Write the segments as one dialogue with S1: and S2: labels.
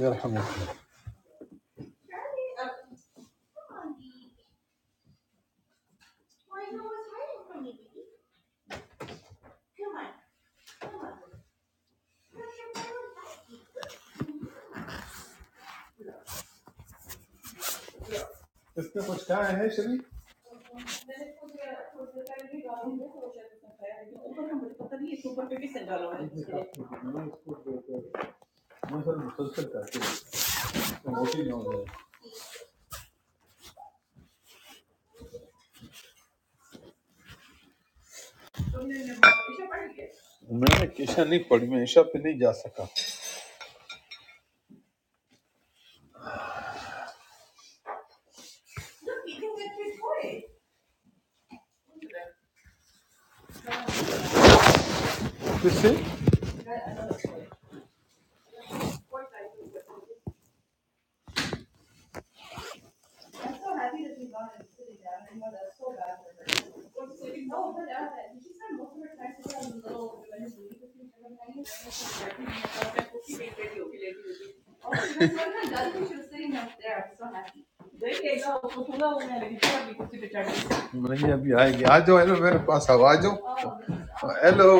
S1: یرحمک اس نے کچھ کہا ہے شریف میں اس کو میں سر مسلسل کرتے ہیں ہوتی نہیں ہو جائے میں نے عشاء نہیں پڑھی میں عشاء پہ نہیں جا سکا پھر سے میں نے ابھی آئے گی آ جاؤ ہیلو میرے پاس آؤ آ جاؤ ہیلو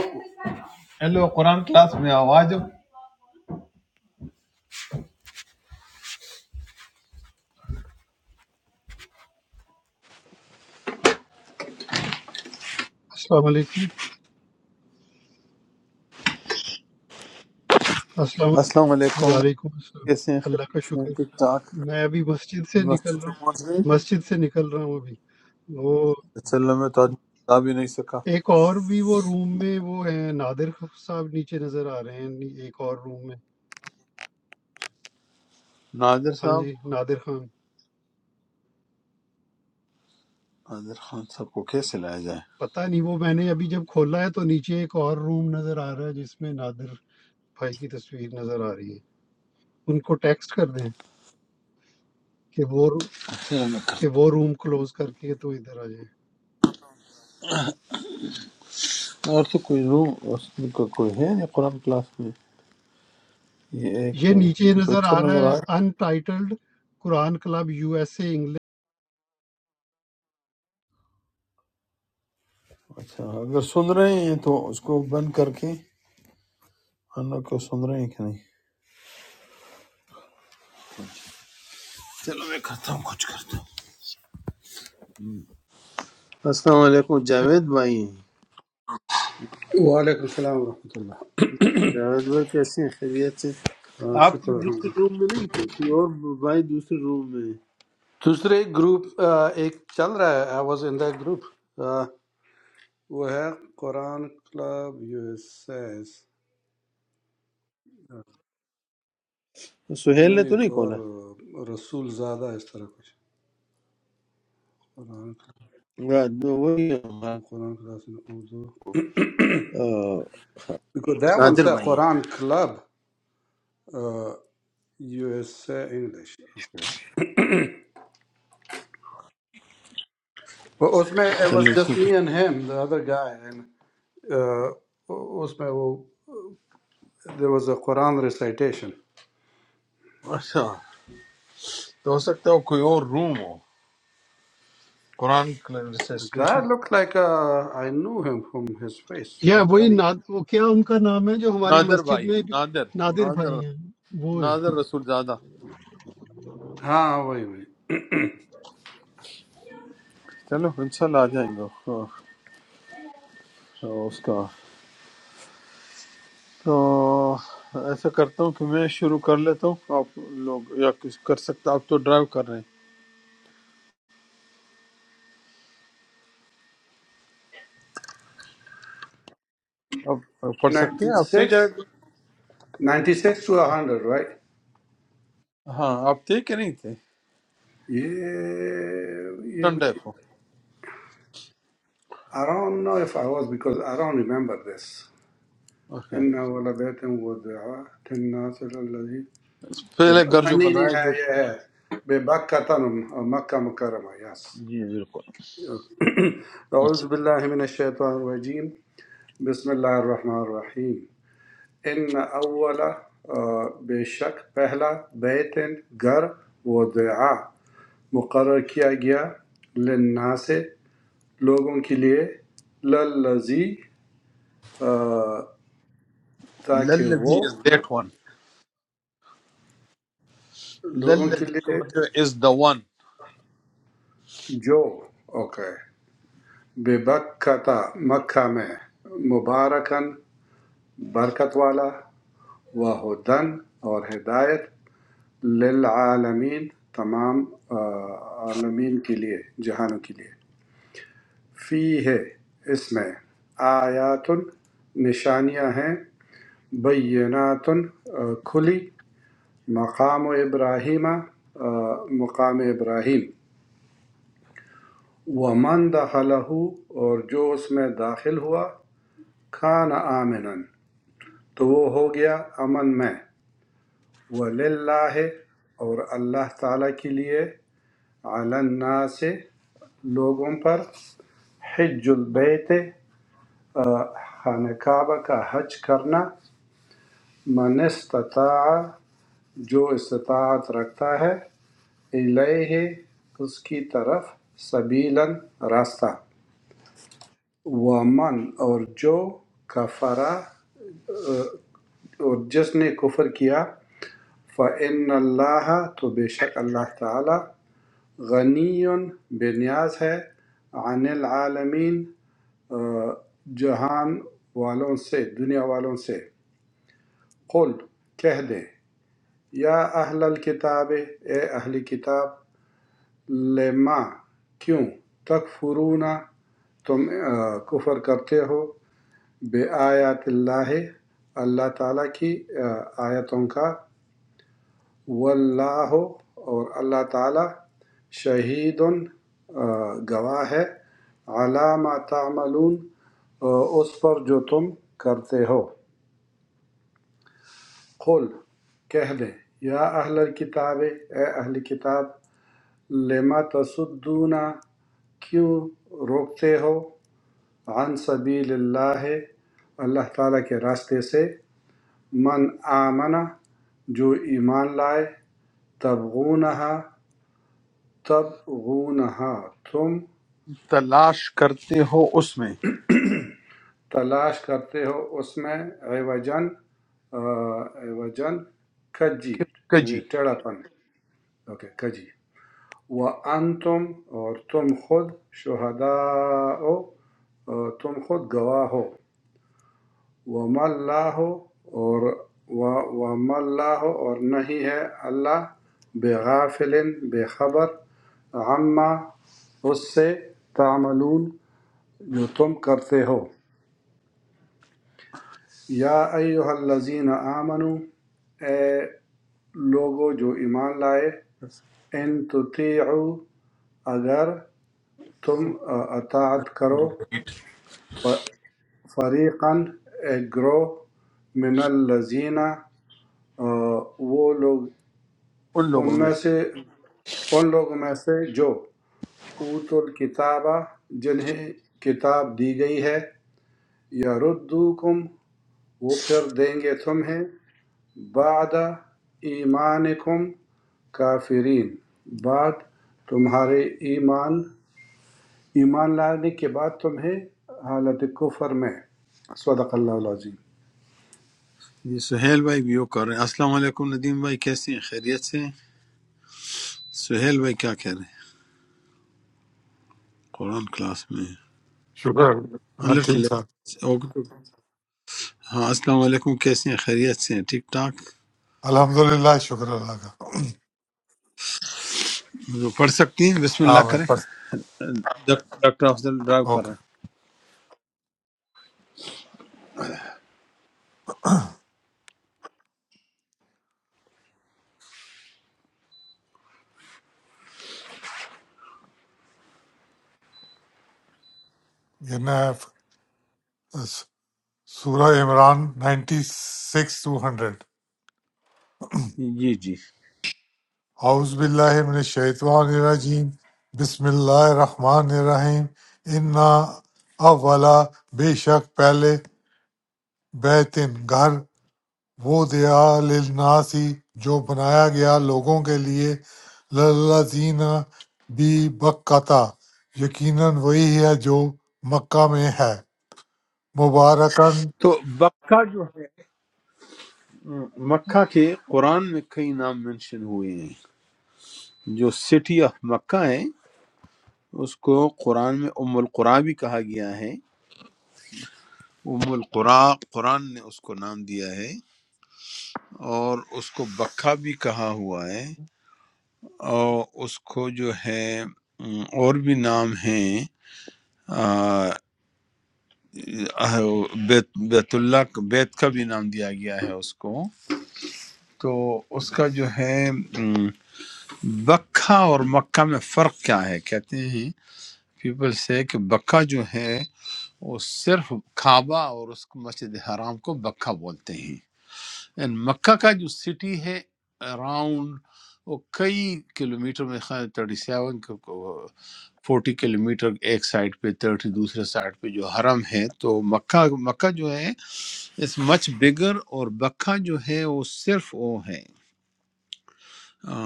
S1: ہیلو قرآن کلاس میں آؤ آ جاؤ
S2: السلام علیکم السلام
S1: السلام
S2: علیکم
S1: علیکم
S2: وعلیکم السلام
S1: کیسے ہیں
S2: اللہ کا
S1: خیریت سے ہیں؟
S2: شکر
S1: ٹھیک ٹھاک
S2: میں ابھی مسجد سے نکل
S1: مسجد
S2: رہا ہوں
S1: تک پہنچ گئی
S2: مسجد سے نکل رہا ہوں ابھی وہ
S1: اچھا اللہ میں تو آج آ بھی نہیں سکا
S2: ایک اور بھی وہ روم میں وہ ہیں نادر صاحب نیچے نظر آ رہے ہیں ایک اور روم میں
S1: نادر
S2: ہاں
S1: صاحب
S2: جی نادر خان
S1: نادر خان صاحب کو کیسے لایا
S2: پتہ نہیں وہ میں نے ابھی جب کھولا ہے تو نیچے ایک اور روم نظر آ رہا ہے جس میں نادر بھائی کی تصویر نظر آ رہی ہے ان کو ٹیکسٹ کر دیں کہ وہ
S1: جائے
S2: کہ وہ روم کلوز کر کے تو ادھر آ جائیں
S1: اور تو کوئی روم اس کا کوئی ہے نہیں قرآن کلاس میں یہ ایک
S2: یہ
S1: تو
S2: نیچے نظر
S1: پکچر
S2: آ
S1: نظر
S2: رہا
S1: آ
S2: ہے
S1: رہا ہے۔
S2: Entitled Quran club U S A English
S1: اچھا اگر سن رہے ہیں تو اس کو بند کر کے انو کو سن رہے ہیں کہ نہیں چلو میں کرتا ہوں کچھ کرتا ہوں السلام علیکم جاوید بھائی
S3: وعلیکم السلام ورحمۃ اللہ
S1: جاوید بھائی کیسے ہیں خیریت سے
S3: ہاں،
S1: آپ
S3: شکر
S1: تو
S3: الحمد
S1: دوسرے
S3: للہ
S1: روم میں نہیں تھے کوئی اور بھائی دوسرے روم میں
S3: دوسرے گروپ آ، ایک چل رہا ہے I was in the group وہ ہے Quran club U S S
S1: ہے۔ سہیل نے
S3: نہیں
S1: تو
S3: ایک
S1: نہیں
S3: اور
S1: کھولا
S3: آ، رسول زادہ اس طرح کچھ قرآن
S1: وہ- وہی ہمارا،
S3: club Quran class in Urdu
S1: آ،
S3: بیکاز دیٹ ون
S1: نادر
S3: سے
S1: بھائی ہیں
S3: Quran club U S A English اس میں it was
S1: چلو
S3: just
S1: ٹھیک ہے۔
S3: me and him the other guy and آ، اس میں وہ there was a Quran recitation
S1: اچھا تو ہو سکتا ہے وہ کوئی اور روم ہو
S3: The
S1: Quran
S3: guy looked like uh, I knew him from his face.
S2: یا وہی
S3: Afghani.
S2: ناد... وہ کیا ان کا نام ہے جو ہماری
S1: نادر
S2: مسجد
S1: بھائی
S2: میں بھی
S1: نادر
S2: نادر
S1: نادر
S2: بھائی ہیں وہ ہیں
S1: نادر رسول زادہ
S3: Ah, wait, wait.
S1: چلو انشاءاللہ آ جائیں گے تو- تو اس کا تو ایسا کرتا ہوں کہ میں شروع کر لیتا ہوں آپ لوگ یا کچھ کر سکتا آپ تو ڈرائیو کر رہے ہیں آپ پڑھ سکتے ہیں آپ تھے جائے
S3: 96? 96 to 100, right?
S1: ہاں آپ تھے کہ نہیں تھے
S3: Yeah, yeah. we-
S1: سنڈے کو
S3: I don't know if I was because I don't remember this.
S1: Okay
S3: إن أول بيت وضع للناس الذي
S1: پہلے گھر جو بنائے گے
S3: نهاية ببكة أو مكة مكرمة yes.
S1: جی بالکل
S3: أعوذ بالله من الشيطان الرجيم بسم الله الرحمن الرحيم ان اولا بے شک پہلا بیت گھر وضع مقرر کیا گیا للناس لوگوں کے لیے للذی تاکہ وہ
S1: للذی از دیٹ ون
S3: لوگوں کے
S1: للذی کا
S3: لیے
S1: مطلب از دا ون
S3: جو اوکے بے بکتا مکہ میں مبارکن برکت والا و ہدن اور ہدایت للعالمین تمام آ، عالمین کے لیے جہانوں کے لیے فی ہے اس میں آیات نشانیاں ہیں بینات کھلی مقام ابراہیم آ، مقام ابراہیم ومن دخلہ اور جو اس میں داخل ہوا کھانا آمنا تو وہ ہو گیا امن میں وللہ اور اللہ تعالیٰ کے لیے علی الناس لوگوں پر حج البیت خانہ کعبہ کا حج کرنا من استطاع جو استطاعت رکھتا ہے الیہ اس کی طرف سبیلاً راستہ ومن اور جو کفرا اور جس نے کفر کیا فَإِنَّ اللَّهَ تو بے شک اللہ تعالی غنی بے نیاز ہے عن العالمین آ، جہان والوں سے دنیا والوں سے قل کہہ دے یا اہل الکتاب اے اہل کتاب لما کیوں تکفرون تم کفر کرتے ہو بآیات اللہ اللہ تعالیٰ کی آیتوں کا واللہ اور اللہ تعالیٰ شہید گواہ ہے علامہ تعملون اس پر جو تم کرتے ہو قل کہہ دیں یا اہل کتاب اے اہل کتاب لِمَ تَصُدُّونَ کیوں روکتے ہو عن سبیل اللہ اللہ تعالیٰ کے راستے سے من آمنہ جو ایمان لائے تبغونہا تبغونہا تم
S1: تلاش کرتے ہو اس میں
S3: تلاش کرتے ہو اس میں عوجن آ، عوجن کجی
S1: کس کا
S3: یعنی
S1: جی
S3: ٹیڑھا پن اوکے کجی وَأَنْتُمْ اور تم خود شہداء تم خود گواہ ہو وَمَا اللَّهُ اور و- وَمَا اللَّهُ اور نہیں ہے اللہ بغافل بے خبر عما اس سے تعملون جو تم کرتے ہو یا ایہا الذین آمنو اے لوگو جو ایمان لائے ان تطیعو اگر تم اطاعت کرو ف- فریقاً ایک گروہ من الذین آ، وہ لوگ
S1: ان
S3: ان
S1: لوگوں میں
S3: میں سے ان لوگوں میں سے جو اوت الکتاب جنہیں کتاب دی گئی ہے یا ردوکم وہ پھر دیں گے تمہیں بعد ایمانکم کافرین بعد تمہارے ایمان ایمان لانے کے بعد تمہیں حالت کفر میں صدق اللہ العظیم
S1: یہ سہیل بھائی بھی یو کر رہے ہیں السلام علیکم ندیم بھائی کیسے ہیں خیریت سے سہیل بھائی کیا کہہ رہے ہیں قرآن کلاس میں
S4: شکر ہاں
S1: الٹ
S4: ٹھیک
S1: لے-
S4: ٹھاک
S1: اوکے۔ ہاں السلام علیکم کیسے ہیں خیریت سے ہیں ٹھیک ٹھاک
S4: الحمد للہ شکر اللہ کا
S1: جو پڑھ سکتی ہیں بسم
S4: ہاں
S1: اللہ
S4: میں
S1: کریں
S4: بس
S1: ڈاک- ڈاکٹر افضل ڈرائیو کر
S4: اوکے
S1: رہے
S4: یہ نا سورہ Imran ninety six two hundred
S1: ہیں جی جی
S4: اعوذ باللہ من الشیطان الرجیم بسم اللہ الرحمن الرحیم انا اولا بے شک پہلے بیتن گھر وہ دیا للناسی جو بنایا گیا لوگوں کے لیے للذین بھی بکتا یقیناً وہی ہے جو مکہ میں ہے مبارکن
S1: تو مکہ جو ہے مکہ کے قرآن میں کئی نام مینشن ہوئے ہیں جو سٹی آف مکہ ہے اس کو قرآن میں ام القرآن بھی کہا گیا ہے ام القرآن قرآن نے اس کو نام دیا ہے اور اس کو بکا بھی کہا ہوا ہے اور اس کو جو ہے ام، اور بھی نام ہیں آ، آ، بیت بیت اللہ کا- بیت کا بھی نام دیا گیا ہے اس کو تو اس کا جو ہے ام، بکا اور مکہ میں فرق کیا ہے کہتے ہیں پیپل سے کہ بکا جو ہے وہ صرف کعبہ اور اس کو مسجد حرام کو بکا بولتے ہیں اینڈ مکہ کا جو سٹی ہے اراؤنڈ وہ کئی کلومیٹر میں خیر تھرٹی سیون فورٹی کلومیٹر ایک سائڈ پہ تھرٹی دوسرے سائڈ پہ جو حرم ہے تو مکہ مکہ جو ہے اس مچ بگر اور بکہ جو ہے وہ صرف وہ ہے آ،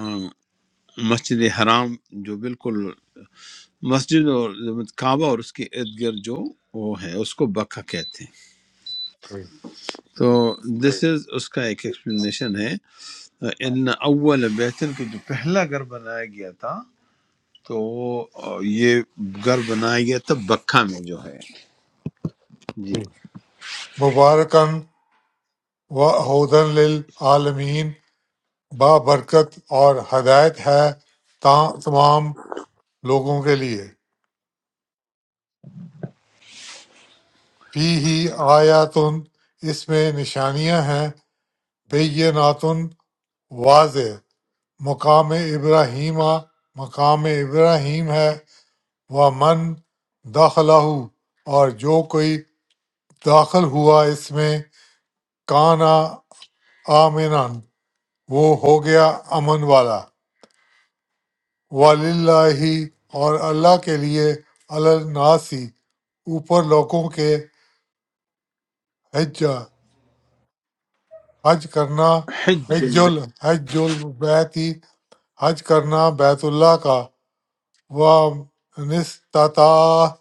S1: مسجد حرام جو بالکل مسجد اور کعبہ اور اس کے ارد گرد جو وہ ہے اس کو بکہ کہتے ہیں
S4: ہوں،
S1: تو دس از اس کا ایک ایکسپلینیشن ہے ان اول بیتن کے جو پہلا گھر بنایا گیا تھا تو آ، یہ گھر بنایا گیا تھا بکہ میں جو ہے جی
S4: ہوں۔ مبارکن و ہودن للعالمین با برکت اور ہدایت ہے تا- تمام لوگوں کے لیے فی ہی آیاتن اس میں نشانیاں ہیں بیناتن واضح مقام ابراہیمہ مقام ابراہیم ہے وہ من داخلہ اور جو کوئی داخل ہوا اس میں کانا آمنان وہ ہو گیا امن والا وللہ اور اللہ کے لیے الناسی اوپر لوگوں کے حج حج کرنا
S1: حج
S4: حج
S1: البیت
S4: ال حج البیتی حج کرنا بیت اللہ کا و نستطاع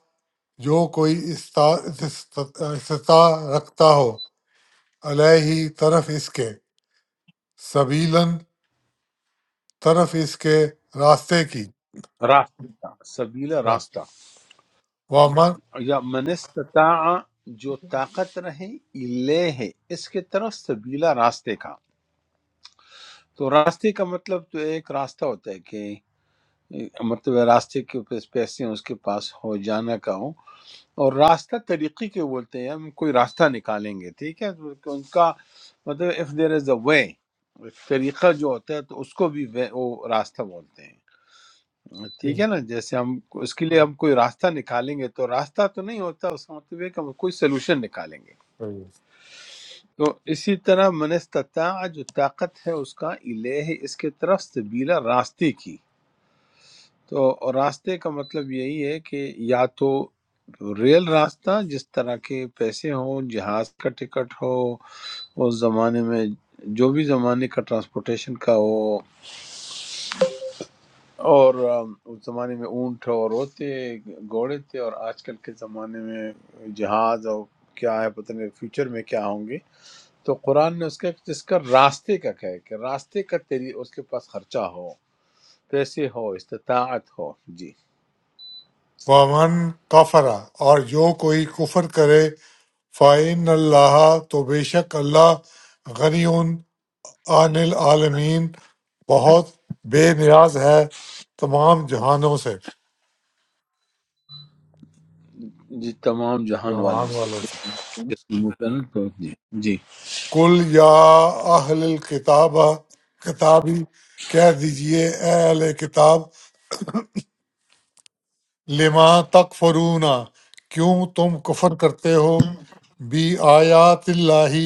S4: جو کوئی استا- استطاع رکھتا ہو علیہ طرف اس کے سبیلاً طرف اس کے راستے کی
S1: راستے کا سبیلا راستہ
S4: وامن
S1: یا من استطاع جو طاقت رہے لے ہے اس کے طرف سبیلا راستے کا تو راستے کا مطلب تو ایک راستہ ہوتا ہے کہ اے، مطلب ہے راستے کے اوپر پیسے اس کے پاس ہو جانا کا ہو اور راستہ طریقے کے بولتے ہیں ہم کوئی راستہ نکالیں گے ٹھیک ہے تو ان کا مطلب اف دیر از اے وے طریقہ جو ہوتا ہے تو اس کو بھی وے- وہ راستہ بولتے ہیں ٹھیک ہے نا جیسے ہم اس کے لیے ہم کوئی راستہ نکالیں گے تو راستہ تو نہیں ہوتا اس کا مطلب ہے کہ ہم کوئی سلوشن نکالیں گے تو اسی طرح منستطاع جو طاقت ہے اس کا الہ اس کے طرف سبیلا راستے کی تو اور راستے کا مطلب یہی ہے کہ یا تو ریل راستہ جس طرح کے پیسے ہوں جہاز کا ٹکٹ ہو اس زمانے میں جو بھی زمانے کا ٹرانسپورٹیشن کا ہو اور آم، اس زمانے میں اونٹ اور ہوتے گھوڑے تھے اور آج کل کے زمانے میں جہاز اور کیا ہے پتہ نہیں فیوچر میں کیا ہوں گے تو قرآن نے اس کا اس کا راستے کا کہا ہے کہ راستے کا تیری اس کے پاس خرچہ ہو پیسے ہو استطاعت ہو جی
S4: وامن کفرا اور جو کوئی کفر کرے فعین اللہ تو بے شک اللہ غنی عن العالمین بہت بے نیاز ہے تمام جہانوں سے
S1: جی تمام جہان والوں سے جی
S4: کل یا اہل الکتاب کتابی کہہ دیجئے اے اہل کتاب لما تکفرون کیوں تم کفر کرتے ہو بی آیات اللہ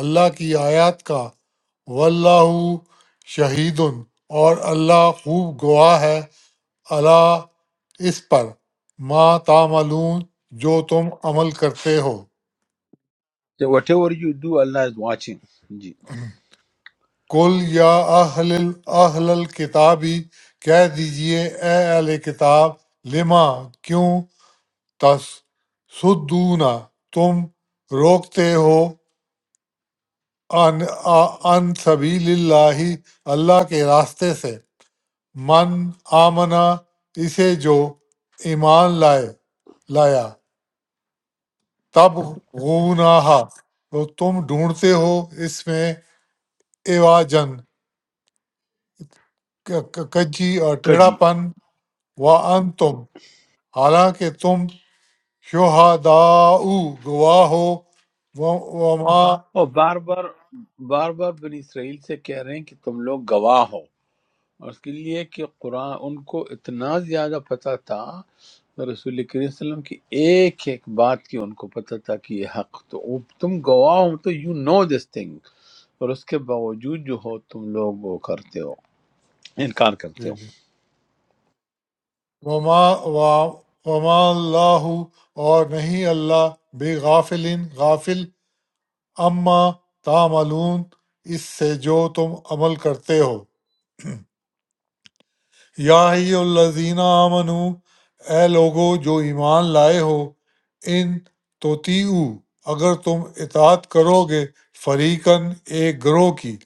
S4: اللہ کی آیات کا واللہ شہید اور اللہ خوب گواہ ہے اللہ اس پر ما تعملون جو تم عمل کرتے ہو
S1: جی whatever you do Allah is watching جی
S4: قل یا اہل اہل الکتابی کہہ دیجئے اے اہل کتاب لما کیوں تصدون تم روکتے ہو ان, آ- ان سبیل اللہ اللہ کے راستے سے من آمنا اسے جو ایمان لائے لایا تب غوناہا تو تم ڈھونڈتے ہو اس میں ایواجن کجی اور ٹیڑھا
S1: کجی
S4: پن و انتم حالانکہ تم شہداء گواہ ہو و- وما
S1: اور بار بار بار بار بنی اسرائیل سے کہہ رہے ہیں کہ تم لوگ گواہ ہو اور اس کے لیے کہ قرآن ان کو اتنا زیادہ پتہ تھا رسول کریم صلی اللہ علیہ وسلم کی ایک ایک بات کی ان کو پتہ تھا کہ یہ حق تو وہ- تم گواہ ہو تو یو نو دس تھنگ اور اس کے باوجود جو ہو تم لوگ وہ کرتے ہو انکار کرتے ہو
S4: وما وا- وما اللہ اور نہیں اللہ بے غافل غافل اما تعملون اس سے جو تم عمل کرتے ہو یا ہی الذین آمنو اے لوگو جو ایمان لائے ہو ان توتیو اگر تم اطاعت کرو گے فریقن ایک گروہ کی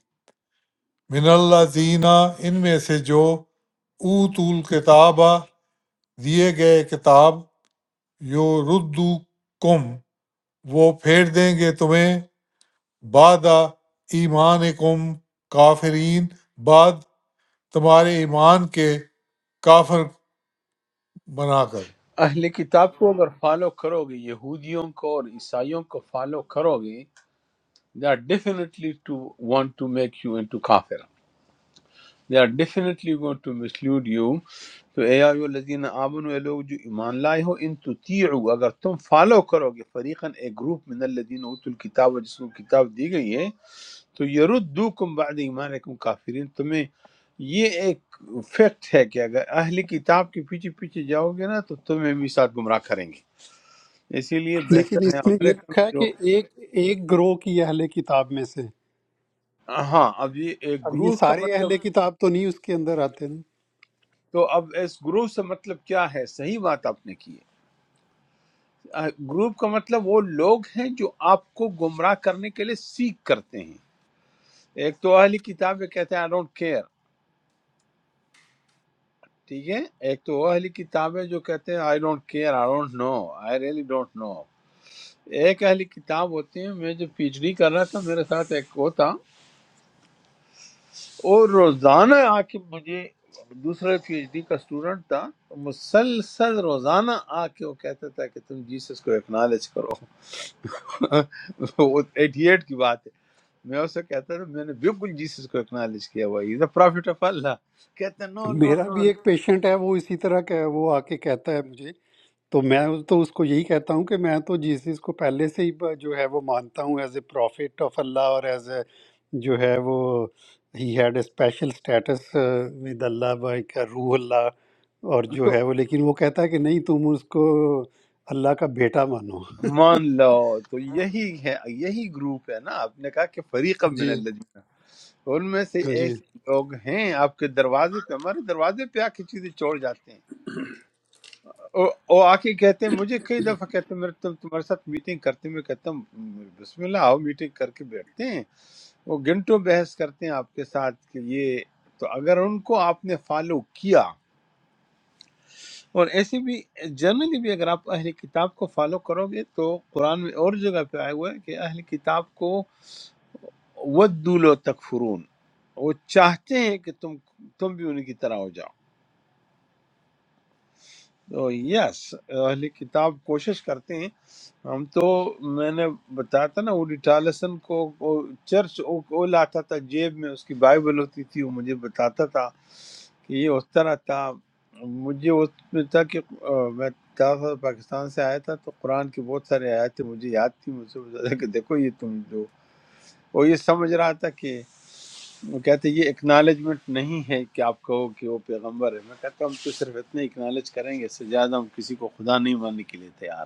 S4: من اللہ زینہ ان میں سے جو اوتو الکتاب دیے گئے کتاب یو ردو کم وہ پھیر دیں گے تمہیں بعد ایمان کم کافرین بعد تمہارے ایمان کے کافر بنا کر
S1: اہل کتاب کو اگر فالو کرو گے یہودیوں کو اور عیسائیوں کو فالو کرو گے they are definitely to want to make you into کافر they are definitely going to mislead you تو اے آئیو الذین آمنوا اے لوگ جو ایمان لائے ہو ان تطیعوا اگر تم فالو کرو گے فریقا ایک گروپ من الذین اوتوا الکتاب جس کو کتاب دی گئی ہے تو یردوکم بعد ایمانکم کافرین تمہیں یہ ایک فیکٹ ہے کہ اگر اہل کتاب کے پیچھے پیچھے جاؤ گے نا تو تمہیں بھی ساتھ گمراہ کریں گے اسی لیے
S2: لیکن
S1: بہتر ہے
S2: اس میں یہ
S1: امریکہ میں
S2: لکھا ہے
S1: جو
S2: کہ ایک ایک گروہ کی اہل کتاب میں سے
S1: ہاں اب یہ ایک
S2: اب یہ
S1: گروپ کا
S2: سارے
S1: مطلب
S2: اہل کتاب تو نہیں اس کے اندر آتے نا
S1: تو اب اس گروپ سے مطلب کیا ہے صحیح بات آپ نے کی ہے آ، گروپ کا مطلب وہ لوگ ہیں جو آپ کو گمراہ کرنے کے لیے سیکھ کرتے ہیں ایک تو اہلی کتاب ہے کہتے ہیں آئی ڈونٹ کیئر ٹھیک ہے ایک تو وہ اہلی کتاب ہے جو کہتے ہیں I don't care I don't know I really don't know ایک اہلی کتاب ہوتے ہیں میں جب پی ایچ ڈی کر رہا تھا میرے ساتھ ایک وہ تھا اور روزانہ آ کے مجھے دوسرا پی ایچ ڈی کا اسٹوڈنٹ تھا مسلسل روزانہ آ کے وہ کہتا تھا کہ تم جیسس کو اکنالج کرو وہ ایٹی ایٹ کی بات ہے میں اسے کہتا تھا میں نے بالکل جیسس کو اکنالج کیا ہوا از اے پرافٹ آف اللہ کہتا نو نو
S2: میرا
S1: نو
S2: بھی ایک پیشنٹ ہے وہ اسی طرح کا ہے وہ آ کے کہتا ہے مجھے تو میں تو اس کو یہی کہتا ہوں کہ میں تو جیسس کو پہلے سے ہی ب- جو ہے وہ مانتا ہوں as a prophet of Allah اور ایز اے جو ہے وہ ہی had a special status with Allah by کا روح اللہ اور جو
S1: تو
S2: ہے وہ لیکن وہ کہتا ہے کہ نہیں تم اس کو اللہ کا بیٹا مانو
S1: مان لو تو یہی ہے یہی گروپ ہے نا آپ نے کہا کہ فریق من
S2: جی
S1: الذین ان میں سے
S2: جی
S1: ایسے لوگ ہیں آپ کے دروازے پہ ہمارے دروازے پہ آ کے چیزیں چھوڑ جاتے ہیں وہ وہ آ کے کہتے ہیں مجھے کئی دفعہ کہتے ہیں میرے تم تمہارے ساتھ میٹنگ کرتے ہیں۔ میں کہتا ہوں بسم اللہ آؤ میٹنگ کر کے بیٹھتے ہیں وہ گھنٹوں بحث کرتے ہیں آپ کے ساتھ کہ یہ تو اگر ان کو آپ نے فالو کیا اور ایسے بھی جنرلی بھی اگر آپ اہل کتاب کو فالو کرو گے تو قرآن میں اور جگہ پہ آیا ہوا ہے کہ اہل کتاب کو ودولو تکفرون وہ چاہتے ہیں کہ تم تم بھی ان کی طرح ہو جاؤ۔ تو یس اہلی کتاب کوشش کرتے ہیں ہم تو میں نے بتایا تھا نا وڈی ٹالسن کو کو چرچ وہ وہ لاتا تھا جیب میں اس کی بائبل ہوتی تھی وہ مجھے بتاتا تھا کہ یہ اس طرح تھا مجھے اس میں تھا کہ آ، میں چار سال پاکستان سے آیا تھا تو قرآن کی بہت سارے آیتیں مجھے یاد تھی مجھ سے بتایا کہ دیکھو یہ تم جو وہ یہ سمجھ رہا تھا کہ وہ کہتے ہیں یہ اکنالجمنٹ نہیں ہے کہ آپ کہو کہ وہ پیغمبر ہے میں کہتا ہوں ہم تو صرف اتنے اکنالج کریں گے اس سے زیادہ ہم کسی کو خدا نہیں ماننے کے لیے تیار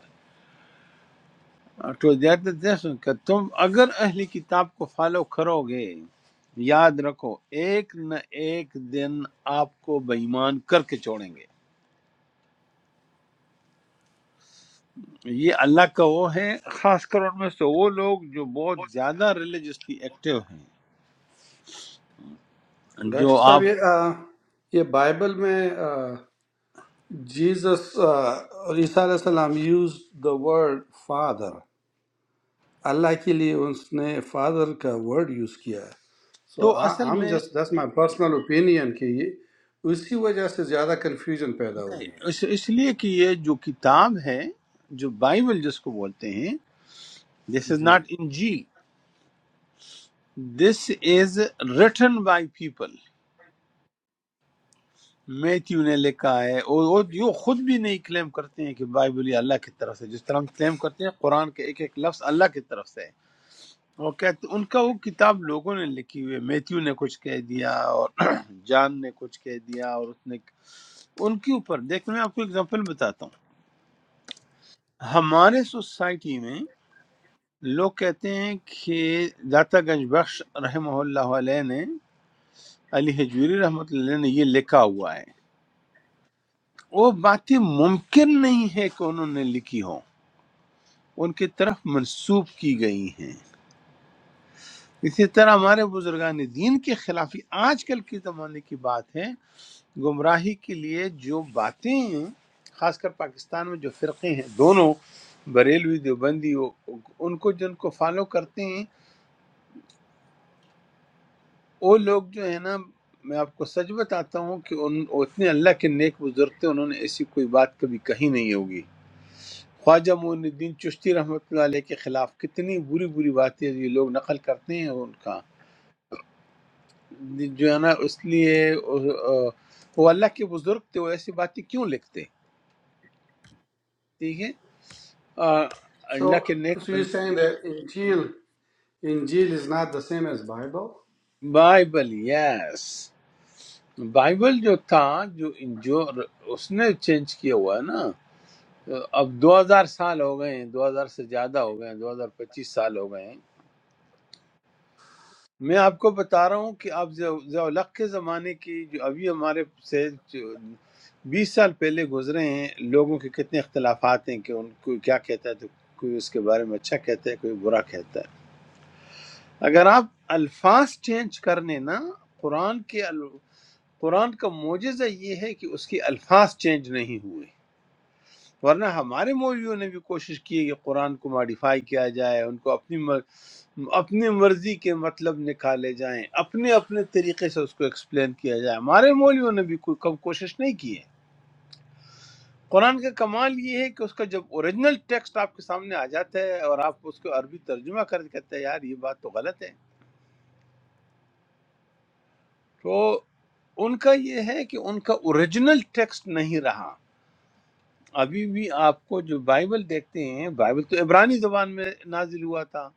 S1: ہیں تو دیٹ از this کہ تم اگر اہلی کتاب کو فالو کرو گے یاد رکھو ایک نہ ایک دن آپ کو بےمان کر کے چھوڑیں گے یہ اللہ کا وہ ہے خاص کر ان میں سے وہ لوگ جو بہت زیادہ ریلیجسلی ایکٹیو ہیں
S3: ڈاکٹر
S1: جو
S3: صاحب
S1: آپ
S3: یہ آ، یہ بائبل میں جیزس اور عیسیٰ علیہ السلام یوز دا ورڈ فادر اللہ کے لیے اس نے فادر کا ورڈ یوز کیا ہے سو
S1: تو اصل
S3: ہم
S1: میں
S3: just this my personal opinion کہ یہ اسی وجہ سے زیادہ کنفیوژن پیدا ہو
S1: نہیں،
S3: گئی ہے
S1: اس اس لیے کہ یہ جو کتاب ہے جو بائبل جس کو بولتے ہیں دس از
S3: جی
S1: ناٹ انجیل this is written by people Matthew نے لکھا ہے اور وہ جو خود بھی نہیں کلیم کرتے ہیں کہ بائبل یہ اللہ کی طرف سے جس طرح ہم کلیم کرتے ہیں قرآن کے ایک ایک لفظ اللہ کی طرف سے ہے وہ کہتے ان کا وہ کتاب لوگوں نے لکھی ہوئی ہے۔ میتھیو نے کچھ کہہ دیا اور جان نے کچھ کہہ دیا اور اس نے ان کے اوپر دیکھ میں آپ کو اگزامپل بتاتا ہوں ہمارے سوسائٹی میں لوگ کہتے ہیں کہ داتا گنج بخش رحمہ اللہ علیہ نے علی حجویری رحمۃ اللہ علیہ نے یہ لکھا ہوا ہے وہ باتیں ممکن نہیں ہے کہ انہوں نے لکھی ہوں ان کی طرف منسوب کی گئی ہیں اسی طرح ہمارے بزرگان دین کے خلاف یہ آج کل کے زمانے کی بات ہے گمراہی کے لیے جو باتیں خاص کر پاکستان میں جو فرقے ہیں دونوں بریلوی دیوبندی وہ- ان کو جن کو فالو کرتے ہیں وہ لوگ جو ہے نا میں آپ کو سچ بتاتا ہوں کہ ان وہ اتنے اللہ کے نیک بزرگ تھے انہوں نے ایسی کوئی بات کبھی کہی نہیں ہوگی خواجہ معین الدین چشتی رحمۃ اللہ علیہ کے خلاف کتنی بری بری باتیں یہ لوگ نقل کرتے ہیں ان کا جو ہے نا اس لیے وہ وہ اللہ کے بزرگ تھے وہ ایسی باتیں کیوں لکھتے ٹھیک ہے آ،
S3: سو
S1: اللہ کے نیک
S3: so you
S1: been
S3: saying that انجیل انجیل is not the same as Bible
S1: Bible yes Bible جو تھا جو جو اس نے چینج کیا ہوا ہے نا اب دو ہزار سال ہو گئے ہیں دو ہزار سے زیادہ ہو گئے ہیں دو ہزار پچیس سال ہو گئے ہیں میں آپ کو بتا رہا ہوں کہ آپ ضیاءلق کے زمانے کی جو ابھی ہمارے سے جو بیس سال پہلے گزرے ہیں لوگوں کے کتنے اختلافات ہیں کہ ان کو کیا کہتا ہے تو کوئی اس کے بارے میں اچھا کہتا ہے کوئی برا کہتا ہے اگر آپ الفاظ چینج کر لیں نا قرآن کے ال- قرآن کا معجزہ یہ ہے کہ اس کے الفاظ چینج نہیں ہوئے ورنہ ہمارے مولویوں نے بھی کوشش کی ہے کہ قرآن کو ماڈیفائی کیا جائے ان کو اپنی مر... اپنی مرضی کے مطلب نکالے جائیں اپنے اپنے طریقے سے اس کو ایکسپلین کیا جائے ہمارے مولویوں نے بھی کوئی کم کوشش نہیں کی ہے قرآن کا کمال یہ ہے کہ اس کا جب اوریجنل ٹیکسٹ آپ کے سامنے آ جاتا ہے اور آپ اس کو عربی ترجمہ کر کے کہتے ہیں یار یہ بات تو غلط ہے تو ان کا یہ ہے کہ ان کا اوریجنل ٹیکسٹ نہیں رہا ابھی بھی آپ کو جو بائبل دیکھتے ہیں بائبل تو عبرانی زبان میں نازل ہوا تھا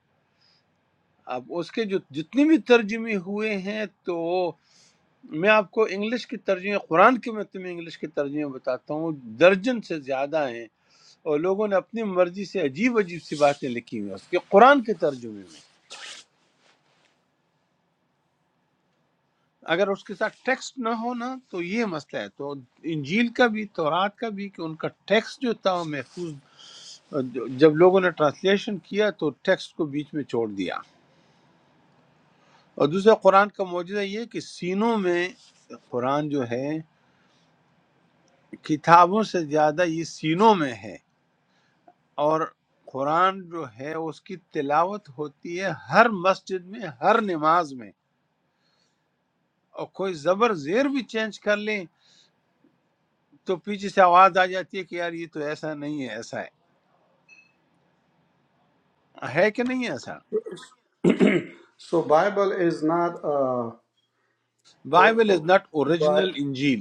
S1: اب اس کے جو جتنے بھی ترجمے ہوئے ہیں تو میں آپ کو انگلش کے ترجمے قرآن کے مطلب میں انگلش کے ترجمے بتاتا ہوں درجن سے زیادہ ہیں اور لوگوں نے اپنی مرضی سے عجیب عجیب سی باتیں لکھی ہوئی ہیں اس کے قرآن کے ترجمے میں اگر اس کے ساتھ ٹیکسٹ نہ ہو نا تو یہ مسئلہ ہے تو انجیل کا بھی تورات کا بھی کہ ان کا ٹیکسٹ جو تھا وہ محفوظ جب لوگوں نے ٹرانسلیشن کیا تو ٹیکسٹ کو بیچ میں چھوڑ دیا اور دوسرا قرآن کا معجزہ یہ ہے کہ سینوں میں قرآن جو ہے کتابوں سے زیادہ یہ سینوں میں ہے اور قرآن جو ہے اس کی تلاوت ہوتی ہے ہر مسجد میں ہر نماز میں اور کوئی زبر زیر بھی چینج کر لیں تو پیچھے سے آواز آ جاتی ہے کہ یار یہ تو ایسا نہیں ہے ایسا ہے ہے کہ نہیں ہے ایسا
S3: so Bible is not
S1: Bible is not original انجیل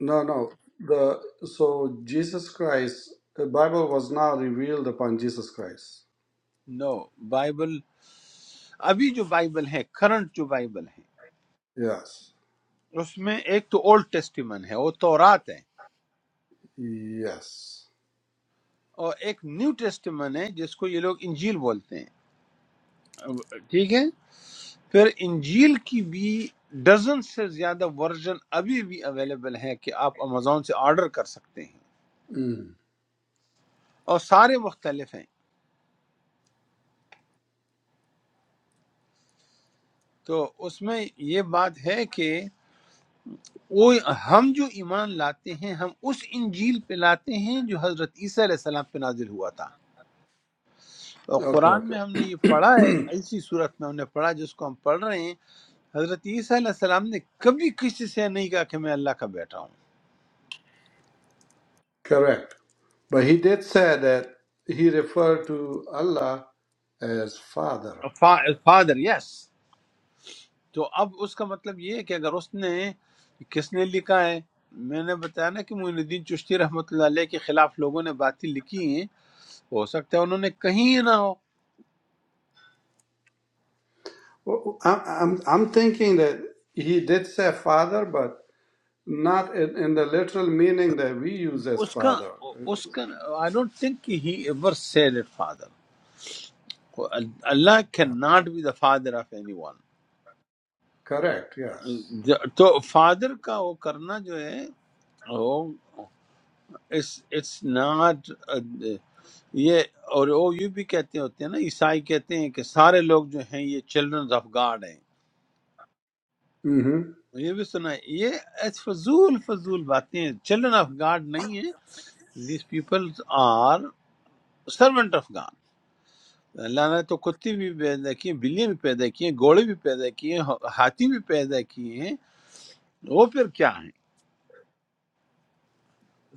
S3: No, no. The so Jesus Christ, the Bible was now revealed upon Jesus Christ.
S1: No Bible ابھی جو بائبل ہے کرنٹ جو بائبل ہے
S3: Yes,
S1: اس میں ایک تو اولڈ ٹیسٹیمن ہے وہ تورات ہے
S3: yes.
S1: اور ایک نیو ٹیسٹیمن ہے جس کو یہ لوگ انجیل بولتے ہیں ٹھیک ہے پھر انجیل کی بھی ڈزن سے زیادہ ورژن ابھی بھی اویلیبل ہے کہ آپ امیزون سے آرڈر کر سکتے ہیں
S3: Mm.
S1: اور سارے مختلف ہیں تو اس میں یہ بات ہے کہ وہ ہم جو ایمان لاتے ہیں ہم اس انجیل پہ لاتے ہیں جو حضرت عیسیٰ علیہ السلام پہ نازل ہوا تھا اور
S3: Okay,
S1: قرآن
S3: okay.
S1: میں ہم نے یہ پڑھا ہے اسی صورت میں ہم نے پڑھا جس کو ہم پڑھ رہے ہیں حضرت عیسیٰ علیہ السلام نے کبھی کسی سے نہیں کہا کہ میں اللہ کا بیٹا ہوں
S3: Correct. But he did say that he referred to Allah as Father.
S1: Father yes yes. تو اب اس کا مطلب یہ ہے کہ اگر اس نے کس نے لکھا ہے میں نے بتایا نا کہ معین الدین چشتی رحمۃ اللہ علیہ کے خلاف لوگوں نے باتیں لکھی ہیں ہو سکتا ہے انہوں نے کہیں نہ ہو
S3: Well, I'm I'm, I'm thinking that he did say Father, but not in, in the literal meaning that we use as
S1: اس کا
S3: Father.
S1: اس کا I don't think he ever said it father Allah can not be the father of any
S3: Correct. Yes.
S1: One تو فادر کا وہ کرنا جو ہے وہ it's it's not uh, یہ اور وہ یہ بھی کہتے ہوتے ہیں نا عیسائی کہتے ہیں کہ سارے لوگ جو ہیں یہ چلڈرن آف گاڈ ہیں
S3: Mm-hmm.
S1: یہ بھی سنا ہے یہ ایس فضول فضول باتیں ہیں چلڈرن آف گاڈ نہیں ہیں these people are servant of God اللہ نے تو کتے بھی پیدا کیے بلیاں بھی پیدا کیے گھوڑے بھی پیدا کیے ہاتھی بھی پیدا کیے ہیں وہ پھر کیا ہیں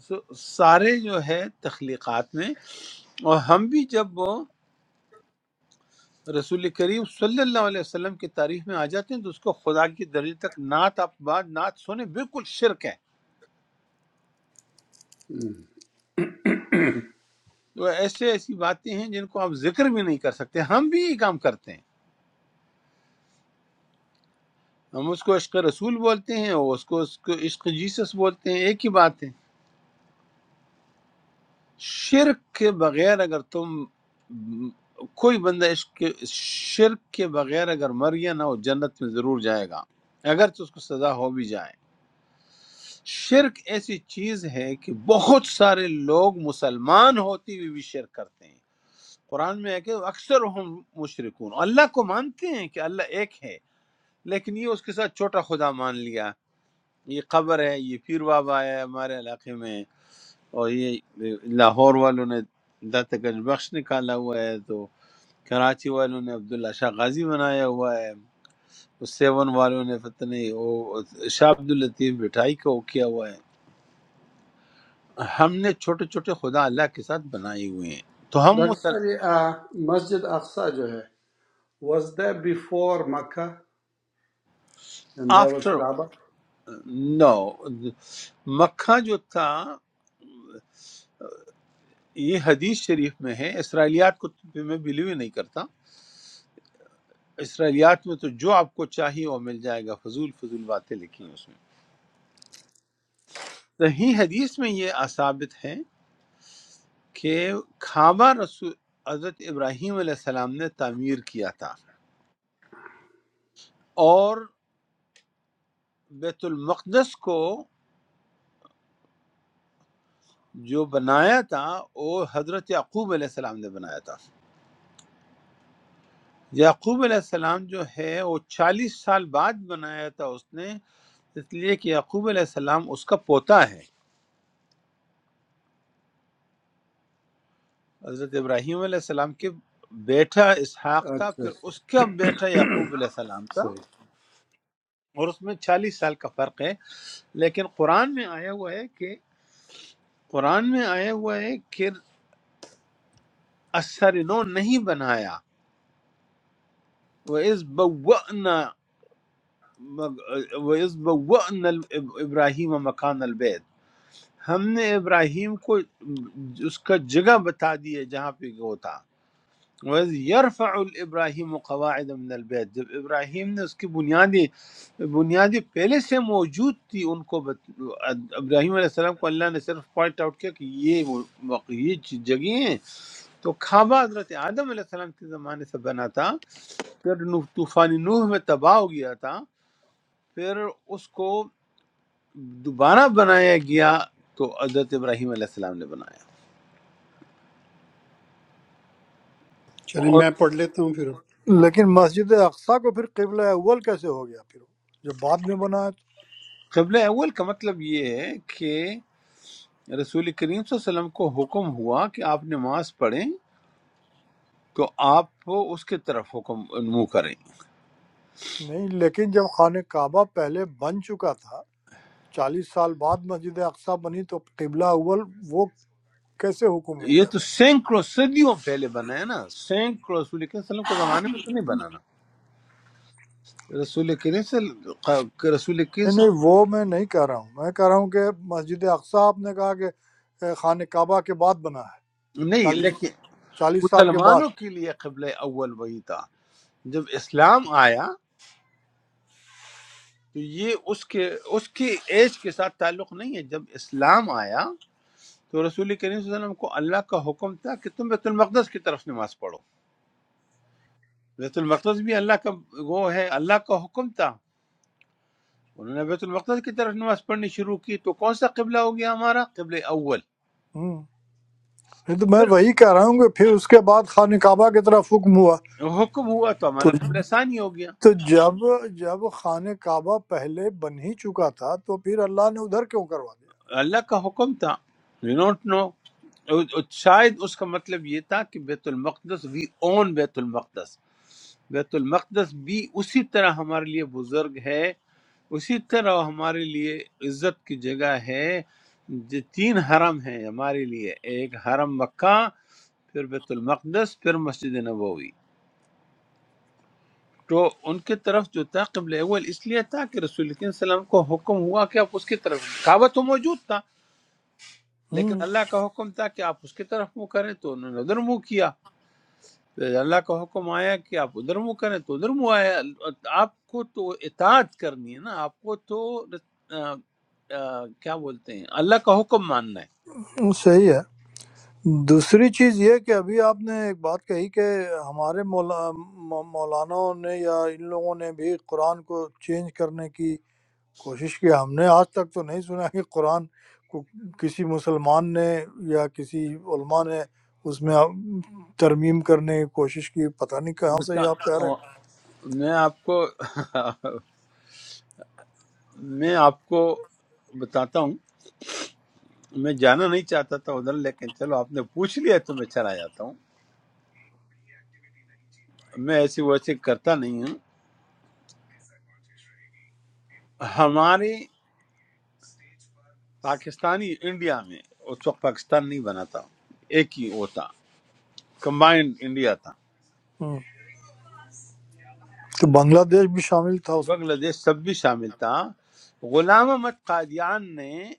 S1: سو سارے جو ہے تخلیقات میں اور ہم بھی جب رسول کریم صلی اللہ علیہ وسلم کی تعریف میں آ جاتے ہیں تو اس کو خدا کی درجے تک نعت آپ بات نعت سنیں بالکل شرک ہے تو ایسے ایسی باتیں ہیں جن کو آپ ذکر بھی نہیں کر سکتے ہم بھی یہ کام کرتے ہیں ہم اس کو عشق رسول بولتے ہیں اور اس کو اس کو عشق جیسس بولتے ہیں ایک ہی بات ہے شرک کے بغیر اگر تم کوئی بندہ عشق کے شرک کے بغیر اگر مر گیا نہ وہ جنت میں ضرور جائے گا اگر تو اس کو سزا ہو بھی جائے شرک ایسی چیز ہے کہ بہت سارے لوگ مسلمان ہوتے ہوئے بھی شرک کرتے ہیں قرآن میں ہے کہ اکثر ہم مشرکون اللہ کو مانتے ہیں کہ اللہ ایک ہے لیکن یہ اس کے ساتھ چھوٹا خدا مان لیا یہ قبر ہے یہ پیر بابا ہے ہمارے علاقے میں اور یہ لاہور والوں نے دت گنج بخش نکالا ہوا ہے تو کراچی والوں نے عبداللہ شاہ غازی بنایا ہوا ہے سیون والوں نے فتح نہیں وہ شاہ عبد اللطیف بٹائی کو کیا ہوا ہے ہم نے چھوٹے چھوٹے خدا اللہ کے ساتھ بنائے ہوئے ہیں تو ہم
S3: डॉक्टर
S1: مسل
S3: साहब ये आ, मस्जिद अक्सा जो है was there before Makkah and there was
S1: after
S3: Kaaba?
S1: No مکہ جو تھا یہ حدیث شریف میں ہے اسرائیلیات کو تو میں بلیو ہی نہیں کرتا اسرائیلیات میں تو جو آپ کو چاہیے وہ مل جائے گا فضول فضول باتیں لکھی ہیں اس میں صحیح حدیث میں یہ ثابت ہے کہ کعبہ رسول حضرت ابراہیم علیہ السلام نے تعمیر کیا تھا اور بیت المقدس کو جو بنایا تھا وہ حضرت یعقوب علیہ السلام نے بنایا تھا یعقوب علیہ السلام جو ہے وہ چالیس سال بعد بنایا تھا اس نے اس لیے کہ یعقوب علیہ السلام اس کا پوتا ہے حضرت ابراہیم علیہ السلام کے بیٹا اسحاق تھا
S3: اچھا
S1: پھر اس کا بیٹا یعقوب علیہ السلام تھا
S3: صحیح
S1: اور اس میں چالیس سال کا فرق ہے لیکن قرآن میں آیا ہوا ہے کہ قرآن میں آیا ہوا ہے کہ اثر نو نہیں بنایا وہ اس وَيَزْبَوَّأْنَ ابراہیم مکان البیت ہم نے ابراہیم کو اس کا جگہ بتا دی ہے جہاں پہ وہ تھا وَإِذْ يَرْفَعُ الْإِبْرَاهِيمُ قَوَاعِدَ مِنَ الْبَيْتِ جب ابراہیم نے اس کی بنیادی بنیادی پہلے سے موجود تھی ان کو بت... ابراہیم علیہ السلام کو اللہ نے صرف پوائنٹ آؤٹ کیا کہ یہ وہ- وق- یہ چیز- جگہیں ہیں تو کعبہ حضرت آدم علیہ السلام کے زمانے سے بنا تھا پھر نوح- طوفان نوح میں تباہ ہو گیا تھا پھر اس کو دوبارہ بنایا گیا تو حضرت ابراہیم علیہ السلام نے بنایا
S2: چلیں
S1: اور
S2: میں پڑھ لیتا ہوں پھر
S5: لیکن مسجد اقصی کو پھر قبلہ اول کیسے ہو گیا پھر جب بعد میں بنا ہے تو
S1: قبل اول کا مطلب یہ ہے کہ رسول کریم صلی اللہ علیہ وسلم کو حکم ہوا کہ آپ نماز پڑھیں تو آپ اس کے طرف حکم منہ کریں
S5: نہیں لیکن جب خانہ کعبہ پہلے بن چکا تھا چالیس سال بعد مسجد اقصی بنی تو قبلہ اول وہ کیسے حکم ہو
S1: یہ
S5: گیا
S1: تو
S5: پھر
S1: سینکڑوں صدیوں پہلے بنا ہے نا سینکڑوں رسول کریم صلی اللہ علیہ وسلم کے زمانے میں تو نہیں بنانا رسول کریم صلی اللہ- رسول کریم
S5: نہیں
S1: صلی اللہ-
S5: نہیں وہ میں نہیں کہہ رہا ہوں میں کہہ رہا ہوں کہ مسجد اقصی آپ نے کہا کہ اے، خانہ کعبہ کے بعد بنا ہے
S1: نہیں
S5: چالیس
S1: لیکن
S5: چالیس سال کے بعد
S1: مسلمانوں کے لیے قبل اول وہی تھا جب اسلام آیا تو یہ اس کے اس کی ایج کے ساتھ تعلق نہیں ہے جب اسلام آیا تو رسول کریم صلی اللہ علیہ وسلم کو اللہ کا حکم تھا کہ تم بیت المقدس کی طرف نماز پڑھو بیت المقدس بھی اللہ کا وہ ہے اللہ کا حکم تھا انہوں نے بیت المقدس کی طرف نماز پڑھنی شروع کی تو کون سا قبلہ ہو گیا ہمارا قبل اول
S5: ہوں نہیں تو میں
S1: پھر
S5: وہی کہہ رہا ہوں کہ پھر اس کے بعد خانہ کعبہ کی طرف حکم ہوا
S1: حکم ہوا تو ہمارا
S5: تو
S1: قبلہ ثانی ہو گیا
S5: تو جب جب خانہ کعبہ پہلے بن ہی چکا تھا تو پھر اللہ نے ادھر کیوں کروا دیا
S1: اللہ کا حکم تھا وی نوٹ نو شاید اس کا مطلب یہ تھا کہ بیت المقدس وی اون بیت المقدس بیت المقدس بھی اسی طرح ہمارے لیے بزرگ ہے اسی طرح ہمارے لیے عزت کی جگہ ہے جو تین حرم ہیں ہمارے لیے ایک حرم مکہ پھر بیت المقدس پھر مسجد نبوی تو ان کی طرف جو تھا قبل اول اس لیے تھا کہ رسول کریم صلی اللہ علیہ وسلم کو حکم ہوا کہ آپ اس کی طرف کعبہ تو موجود تھا لیکن
S5: ہم،
S1: اللہ کا حکم تھا کہ آپ اس کی طرف منہ کریں تو انہوں نے ادھر منہ کیا پھر اللہ کا حکم آیا کہ آپ ادھر منہ کریں تو ادھر منہ آیا آپ کو تو اطاعت کرنی ہے نا آپ کو تو آ، آ، کیا بولتے ہیں اللہ کا حکم ماننا ہے
S5: صحیح ہے دوسری چیز یہ کہ ابھی آپ نے ایک بات کہی کہ ہمارے مولا مو- مولاناؤں نے یا ان لوگوں نے بھی قرآن کو چینج کرنے کی کوشش کی ہم نے آج تک تو نہیں سنا کہ قرآن کو کسی مسلمان نے یا کسی علماء نے اس میں ترمیم کرنے کی کوشش کی پتہ نہیں کہاں سے
S1: بتا
S5: یہ آپ کہہ رہے
S1: آ،
S5: ہیں
S1: میں آپ کو میں آپ کو بتاتا ہوں میں جانا نہیں چاہتا تھا ادھر لیکن چلو آپ نے پوچھ لیا تو میں چلا جاتا ہوں میں ایسی ویسی کرتا نہیں ہوں ہمارے پاکستانی انڈیا میں اس وقت پاکستان نہیں بنا تھا ایک ہی وہ تھا کمبائنڈ انڈیا تھا
S5: ہم، تو بنگلہ دیش بھی شامل تھا
S1: بنگلہ دیش سب بھی شامل تھا غلام احمد قادیان نے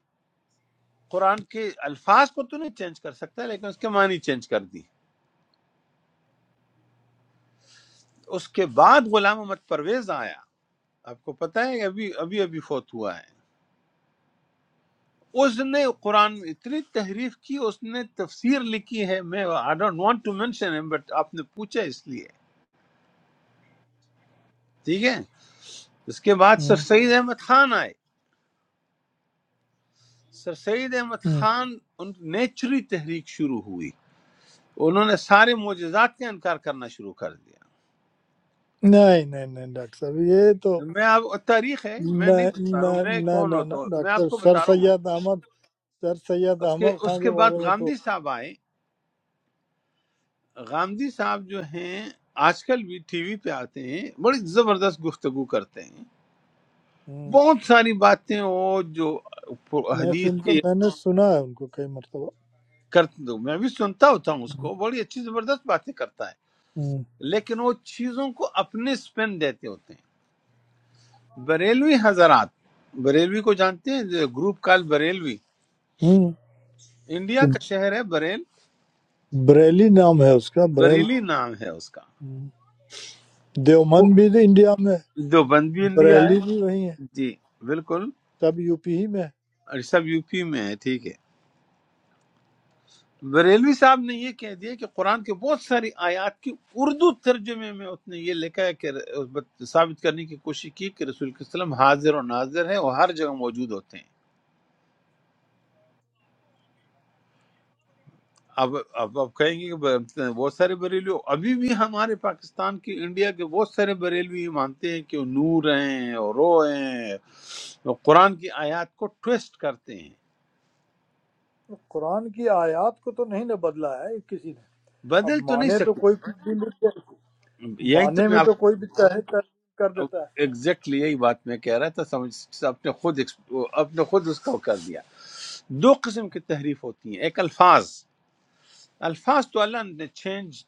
S1: قرآن کے الفاظ کو تو نہیں چینج کر سکتا لیکن اس کے معنی چینج کر دی اس کے بعد غلام احمد پرویز آیا آپ کو پتہ ہے ابھی ابھی ابھی فوت ہوا ہے اس نے قرآن میں اتنی تحریف کی اس نے تفسیر لکھی ہے میں I don't want to mention ہم بٹ آپ نے پوچھا اس لیے ٹھیک ہے اس کے بعد
S5: اس
S1: سر سید احمد خان آئے سر سید احمد
S5: ہم۔
S1: خان ان نیچری تحریک شروع ہوئی انہوں نے سارے معجزات کا انکار کرنا شروع کر دیا
S5: نہیں نہیں نہیں ڈاکٹر صاحب یہ تو
S1: میں آپ تاریخ ہے میں نہیں
S5: نہ-
S1: بتا رہا ہوں
S5: نہ-
S1: میں
S5: نہ-
S1: کون
S5: نہ- نہ،
S1: ہوتا ہوں میں آپ
S5: ڈاکٹر
S1: کو
S5: صاحب، سر
S1: بتا رہا ہوں
S5: سید احمد سر سید
S1: اس کے
S5: احمد خان
S1: اس کے
S5: کے
S1: بعد
S5: بارے میں تو
S1: غامدی صاحب آئے غامدی صاحب جو ہیں آج کل بھی ٹی وی پہ آتے ہیں بڑی زبردست گفتگو کرتے ہیں
S5: ہم،
S1: بہت ساری باتیں وہ جو
S5: میں
S1: حدیث
S5: سنتا
S1: کی
S5: میں نے سنا ہے ان کو کئی مرتبہ
S1: کرتے دو میں بھی سنتا ہوتا ہوں اس
S5: ہم،
S1: کو بڑی اچھی زبردست باتیں کرتا ہے
S5: ہم،
S1: لیکن وہ چیزوں کو اپنے سپن دیتے ہوتے ہیں بریلوی حضرات بریلوی کو جانتے ہیں گروپ کال بریلوی
S5: ہم۔
S1: انڈیا کا شہر ہے بریل
S5: بریلی نام ہے اس کا بریل
S1: بریلی نام ہے اس کا
S5: ہم۔
S1: وہ
S5: دیومند بھی تو انڈیا میں ہے،
S1: دیوبند بھی انڈیا
S5: بریلی
S1: ہے
S5: بھی وہی ہے
S1: جی بالکل
S5: سب یو پی ہی میں ہے
S1: اور سب یو پی میں ہے ٹھیک ہے بریلوی صاحب نے یہ کہہ دیا کہ قرآن کے بہت ساری آیات کی اردو ترجمے میں اس نے یہ لکھا ہے کہ ثابت کرنے کی کوشش کی کہ رسول کے وسلم حاضر اور ناظر ہے اور ہر جگہ موجود ہوتے ہیں اب اب آپ کہیں گے کہ ب- بہت سارے بریلو ابھی بھی ہمارے پاکستان کی انڈیا کے بہت سارے بریلو یہ مانتے ہیں کہ وہ نور ہیں اور رو ہیں وہ قرآن کی آیات کو ٹویسٹ کرتے ہیں
S5: قرآن کی آیات کو تو نہیں نہ بدلا ہے کسی نے اب
S1: بدل تو نہیں
S5: مانے تو
S1: سکتے
S5: کوئی کچھ بھی لکھ دے
S1: یہی تو
S5: مانے
S1: میں
S5: میں
S1: آپ
S5: تو کوئی بھی تحریف کر کر دیتا ہے
S1: ایگزیکٹلی یہی بات میں کہہ رہا تھا سمجھ آپ نے خود اپنے خود اس کو کر دیا دو قسم کی تحریف ہوتی ہیں ایک الفاظ الفاظ تو اللہ نے چینج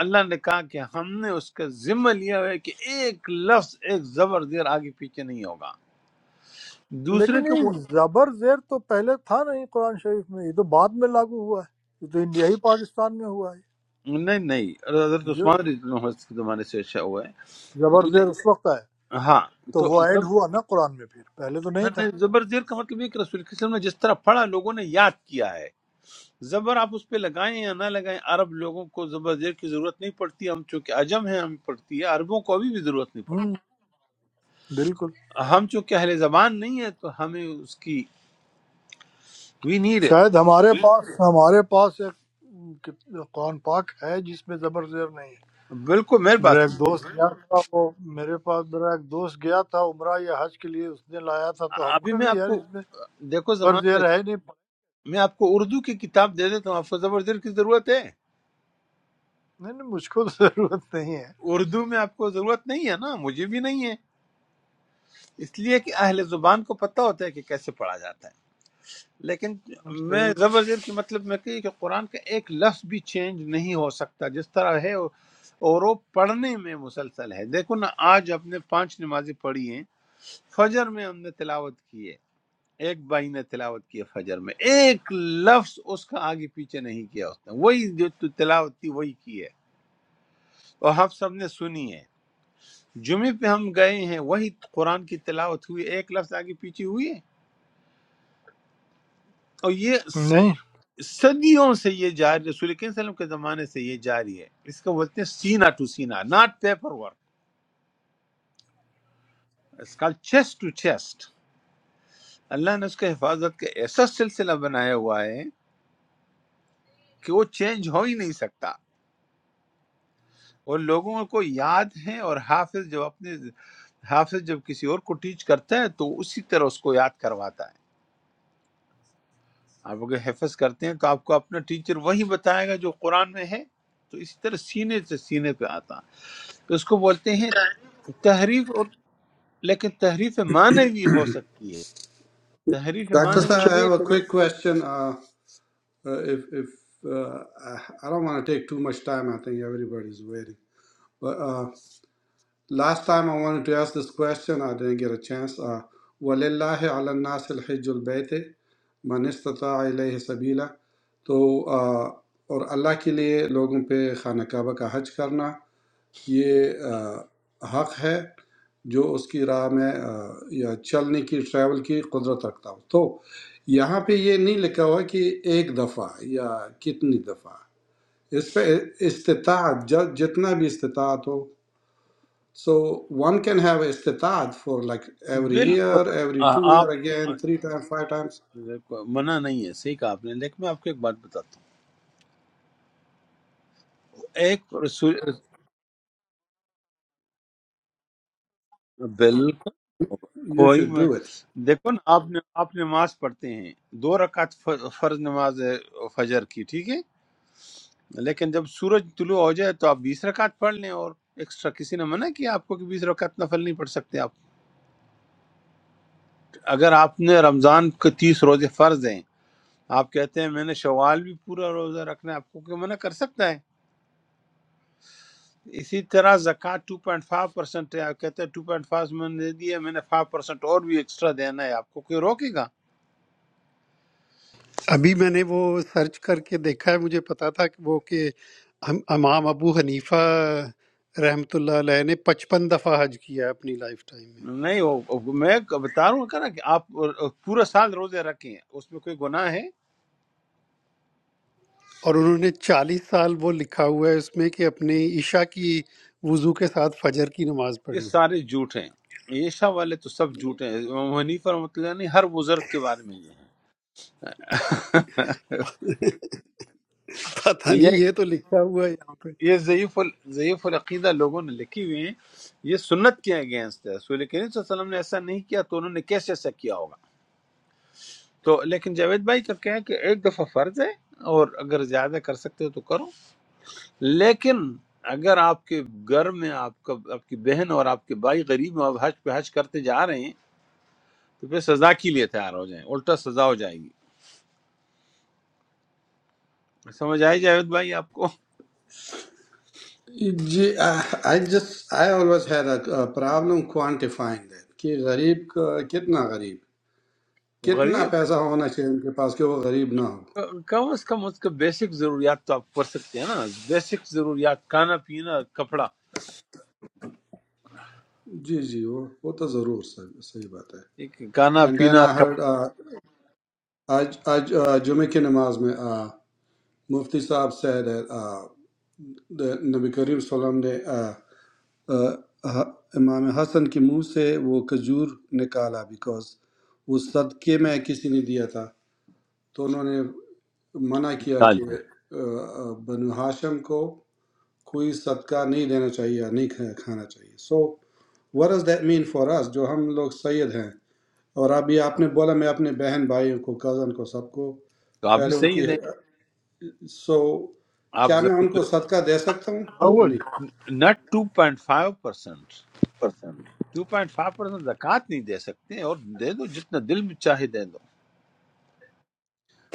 S1: اللہ نے کہا کہ ہم نے اس کا ذمہ لیا ہوا ہے کہ ایک لفظ ایک زبر زیر آگے پیچھے نہیں ہوگا دوسرے
S5: لیکن
S1: کے وہ
S5: یہ زبر زیر تو پہلے تھا نہیں قرآن شریف میں یہ تو بعد میں لاگو ہوا ہے یہ تو انڈیائی پاکستان میں ہوا
S1: نہیں نہیں حضرت
S5: ہے جو
S1: عثمان رضی اللہ عنہ کے زمانے سے اچھا ہوا ہے
S5: زبر زیر
S1: لے-
S5: اس وقت آیا
S1: ہاں
S5: تو
S1: تو
S5: وہ
S1: زب...
S5: ایڈ ہوا نا قرآن میں پھر پہلے تو نہیں
S1: ہاں،
S5: تھا
S1: نہیں، زبر زیر کا مطلب یہ کہ رسول کے نے جس طرح پڑھا لوگوں نے یاد کیا ہے زبر آپ اس پہ لگائیں یا نہ لگائیں عرب لوگوں کو زبر زیر کی ضرورت نہیں پڑتی ہم چونکہ عجم ہیں ہمیں پڑتی ہے عربوں کو ابھی بھی ضرورت نہیں پڑتی
S5: ہوں بالکل
S1: ہم چونکہ اہل زبان نہیں ہے تو ہمیں اس کی وی نیڈ اٹ
S5: شاید ہمارے پاس ہمارے پاس ایک قرآن پاک ہے جس میں زبر زیر نہیں ہے
S1: بالکل میرے
S5: میرا
S1: پاس
S5: ایک
S1: نہیں ہے۔
S5: دوست گیا تھا وہ میرے پاس میرا ایک دوست گیا تھا عمرہ یا حج کے لیے اس نے لایا تھا تو ہم
S1: ابھی
S5: کو
S1: میں
S5: بھی
S1: آپ
S5: یار
S1: کو
S5: اس میں
S1: دیکھو
S5: زبر
S1: زمان بھائی
S5: زیر ہے نہیں
S1: میں آپ کو اردو کی کتاب دے دیتا ہوں آپ کو زبردست کی ضرورت ہے
S5: نہیں نہیں، مجھ کو تو ضرورت نہیں ہے
S1: اردو میں آپ کو ضرورت نہیں ہے نا مجھے بھی نہیں ہے اس لیے کہ اہل زبان کو پتہ ہوتا ہے کہ کیسے پڑھا جاتا ہے لیکن
S5: ہم
S1: میں
S5: صحیح
S1: زبردست کے مطلب میں کہی کہ قرآن کا ایک لفظ بھی چینج نہیں ہو سکتا جس طرح ہے اور وہ پڑھنے میں مسلسل ہے دیکھو نا آج ہم نے پانچ نمازیں پڑھی ہیں فجر میں ہم نے تلاوت کی ہے ایک بھائی نے تلاوت کی ہے فجر میں ایک لفظ اس کا آگے پیچھے نہیں کیا اس نے وہی جو تو تلاوت تھی وہی کی ہے اور ہم سب نے سنی ہے جمعے پہ ہم گئے ہیں وہی قرآن کی تلاوت ہوئی ایک لفظ آگے پیچھے ہوئی ہے اور یہ س-
S5: نہیں
S1: صدیوں سے یہ جاری رسول اکرم صلی اللہ علیہ وسلم کے زمانے سے یہ جاری ہے اس کو بولتے ہیں سینا ٹو سینا ناٹ پیپر ورک اس کا چیسٹ ٹو چیسٹ اللہ نے اس کے حفاظت کا ایسا سلسلہ بنایا ہوا ہے کہ وہ چینج ہو ہی نہیں سکتا اور لوگوں کو یاد ہیں اور حافظ جب اپنے حافظ جب کسی اور کو ٹیچ کرتا ہے تو اسی طرح اس کو یاد کرواتا ہے آپ اگر حفظ کرتے ہیں تو آپ کو اپنا ٹیچر وہی بتائے گا جو قرآن میں ہے تو اسی طرح سینے سے سینے پہ آتا ہے اس کو بولتے ہیں تحریف اور لیکن تحریف معنوی ہو سکتی ہے تحریف
S3: ڈاکٹر
S1: معنوی
S3: صاحب I
S1: یہ
S5: تحول
S1: ہے
S3: have a
S1: کہ
S3: quick
S1: لوگ-
S3: question. Uh, uh, if if uh, I I don't want to take too much time, I think everybody is waiting. But uh, last time I wanted to ask this question, I didn't get a chance. Uh, وَلِلَّهِ عَلَى النَّاسِ الْحِجُّ الْبَيْتِ مَنِ اسْتَطَاعَ إِلَيْهِ سَبِيلًا تو آ، اور اللہ کے لیے لوگوں پہ خانہ کعبہ کا حج کرنا یہ آ، حق ہے جو اس کی راہ میں آ، یا چلنے کی ٹریول کی قدرت رکھتا ہو تو یہاں پہ یہ نہیں لکھا ہوا کہ ایک دفعہ یا کتنی دفعہ اس پہ استطاعت ج- جتنا بھی استطاعت ہو سو ون کین ہیو استطاعت فار لائک ایوری ایئر
S1: بالکل
S3: ایوری ٹو
S1: آ-
S3: ایئر
S1: آپ
S3: again three times five times
S1: منع نہیں ہے صحیح کہا آپ نے لیکن میں آپ کو ایک بات بتاتا ہوں ایک رسول بالکل
S3: یو
S1: کوئی
S3: شوڈ
S1: م-
S3: ڈو اٹ
S1: دیکھو نا آپ نے آپ نماز پڑھتے ہیں دو رکعت ف- فرض نماز ہے فجر کی ٹھیک ہے لیکن جب سورج طلوع ہو جائے تو آپ بیس رکعت پڑھ لیں اور ایکسٹرا کسی نے منع کیا آپ کو کہ بیس رکعت نفل نہیں پڑھ سکتے آپ اگر آپ نے رمضان کے تیس روزے فرض ہیں آپ کہتے ہیں میں نے شوال بھی پورا روزہ رکھنا ہے آپ کو کوئی منع کر سکتا ہے اسی طرح زکوٰۃ ٹو پوائنٹ فائیو پرسینٹ ہے آپ کہتے ہیں ٹو پوائنٹ فائیو میں نے دیا میں نے فائیو پرسینٹ اور بھی ایکسٹرا دینا ہے آپ کو کوئی روکے گا
S2: ابھی میں نے وہ سرچ کر کے دیکھا ہے مجھے پتا تھا کہ وہ کہ ہم امام ابو حنیفہ رحمۃ اللہ علیہ نے پچپن دفعہ حج کیا ہے اپنی لائف ٹائم میں
S1: نہیں وہ میں بتا رہا ہوں کہ نا کہ آپ پورا سال روزے رکھیں اس میں کوئی گناہ ہے
S2: اور انہوں نے چالیس سال وہ لکھا ہوا ہے اس میں کہ اپنے عشاء کی وضو کے ساتھ فجر کی نماز
S1: یہ
S2: پڑھی
S1: سارے جھوٹ ہیں عیشا والے تو سب جھوٹ ہیں امام حنیفہ رحمۃ اللہ نے ہر بزرگ کے بارے میں یہ ہے
S2: پتہ نہیں
S1: یہ
S2: یہ تو لکھا ہوا ہے یہاں پہ
S1: یہ ضعیف ال- ضعیف العقیدہ لوگوں نے لکھی ہوئی ہیں یہ سنت کے اگینسٹ ہے رسول کریم صلی اللہ علیہ وسلم نے ایسا نہیں کیا تو انہوں نے کیسے ایسا کیا ہوگا تو لیکن جاوید بھائی کا کیا ہے کہ ایک دفعہ فرض ہے اور اگر زیادہ کر سکتے ہو تو کرو لیکن اگر آپ کے گھر میں آپ کا آپ کی بہن اور آپ کے بھائی غریب ہیں آپ حج پہ حج کرتے جا رہے ہیں تو پھر سزا کے لیے تیار ہو جائیں الٹا سزا ہو جائے گی سمجھ آئی جاوید بھائی آپ کو
S3: جی I just I always had a problem quantifying that کہ غریب کا کتنا غریب کتنا
S1: غریب
S3: پیسہ ہونا چاہیے ان کے پاس کہ وہ غریب نہ ہو
S1: کم از کم اس کا بیسک ضروریات تو آپ کر سکتے ہیں نا بیسک ضروریات کھانا پینا کپڑا
S3: جی جی وہ وہ تو ضرور صحیح صحیح بات ہے
S1: ایک کھانا
S3: اینڈ دین
S1: پینا
S3: آئی
S1: کپڑا
S3: ہرڈ آج آج uh, جمعے کی نماز میں uh, مفتی صاحب said that uh, the- نبی کریم صلی اللہ علیہ وسلم نے uh, uh, ح- امام حسن کے منہ سے وہ کھجور نکالا بیکاز وہ صدقے میں کسی نے دیا تھا تو انہوں نے منع کیا
S1: نکال
S3: کہ
S1: لیں
S3: uh, uh, بنو ہاشم کو کوئی صدقہ نہیں دینا چاہیے یا نہیں کھا- کھانا چاہیے so what is that mean for اس جو ہم لوگ سید ہیں اور ابھی آپ نے بولا میں اپنے بہن بھائیوں کو کزن کو سب کو
S1: تو آپ بھی
S3: پہلے ان
S1: صحیح
S3: کی
S1: دیں
S3: سو
S1: آپ
S3: کیا میں ان کو صدقہ دے سکتا ہوں کہ نہیں
S1: not two point five percent two point five percent زکوٰۃ نہیں دے سکتے اور دے دو جتنا دل میں چاہے دے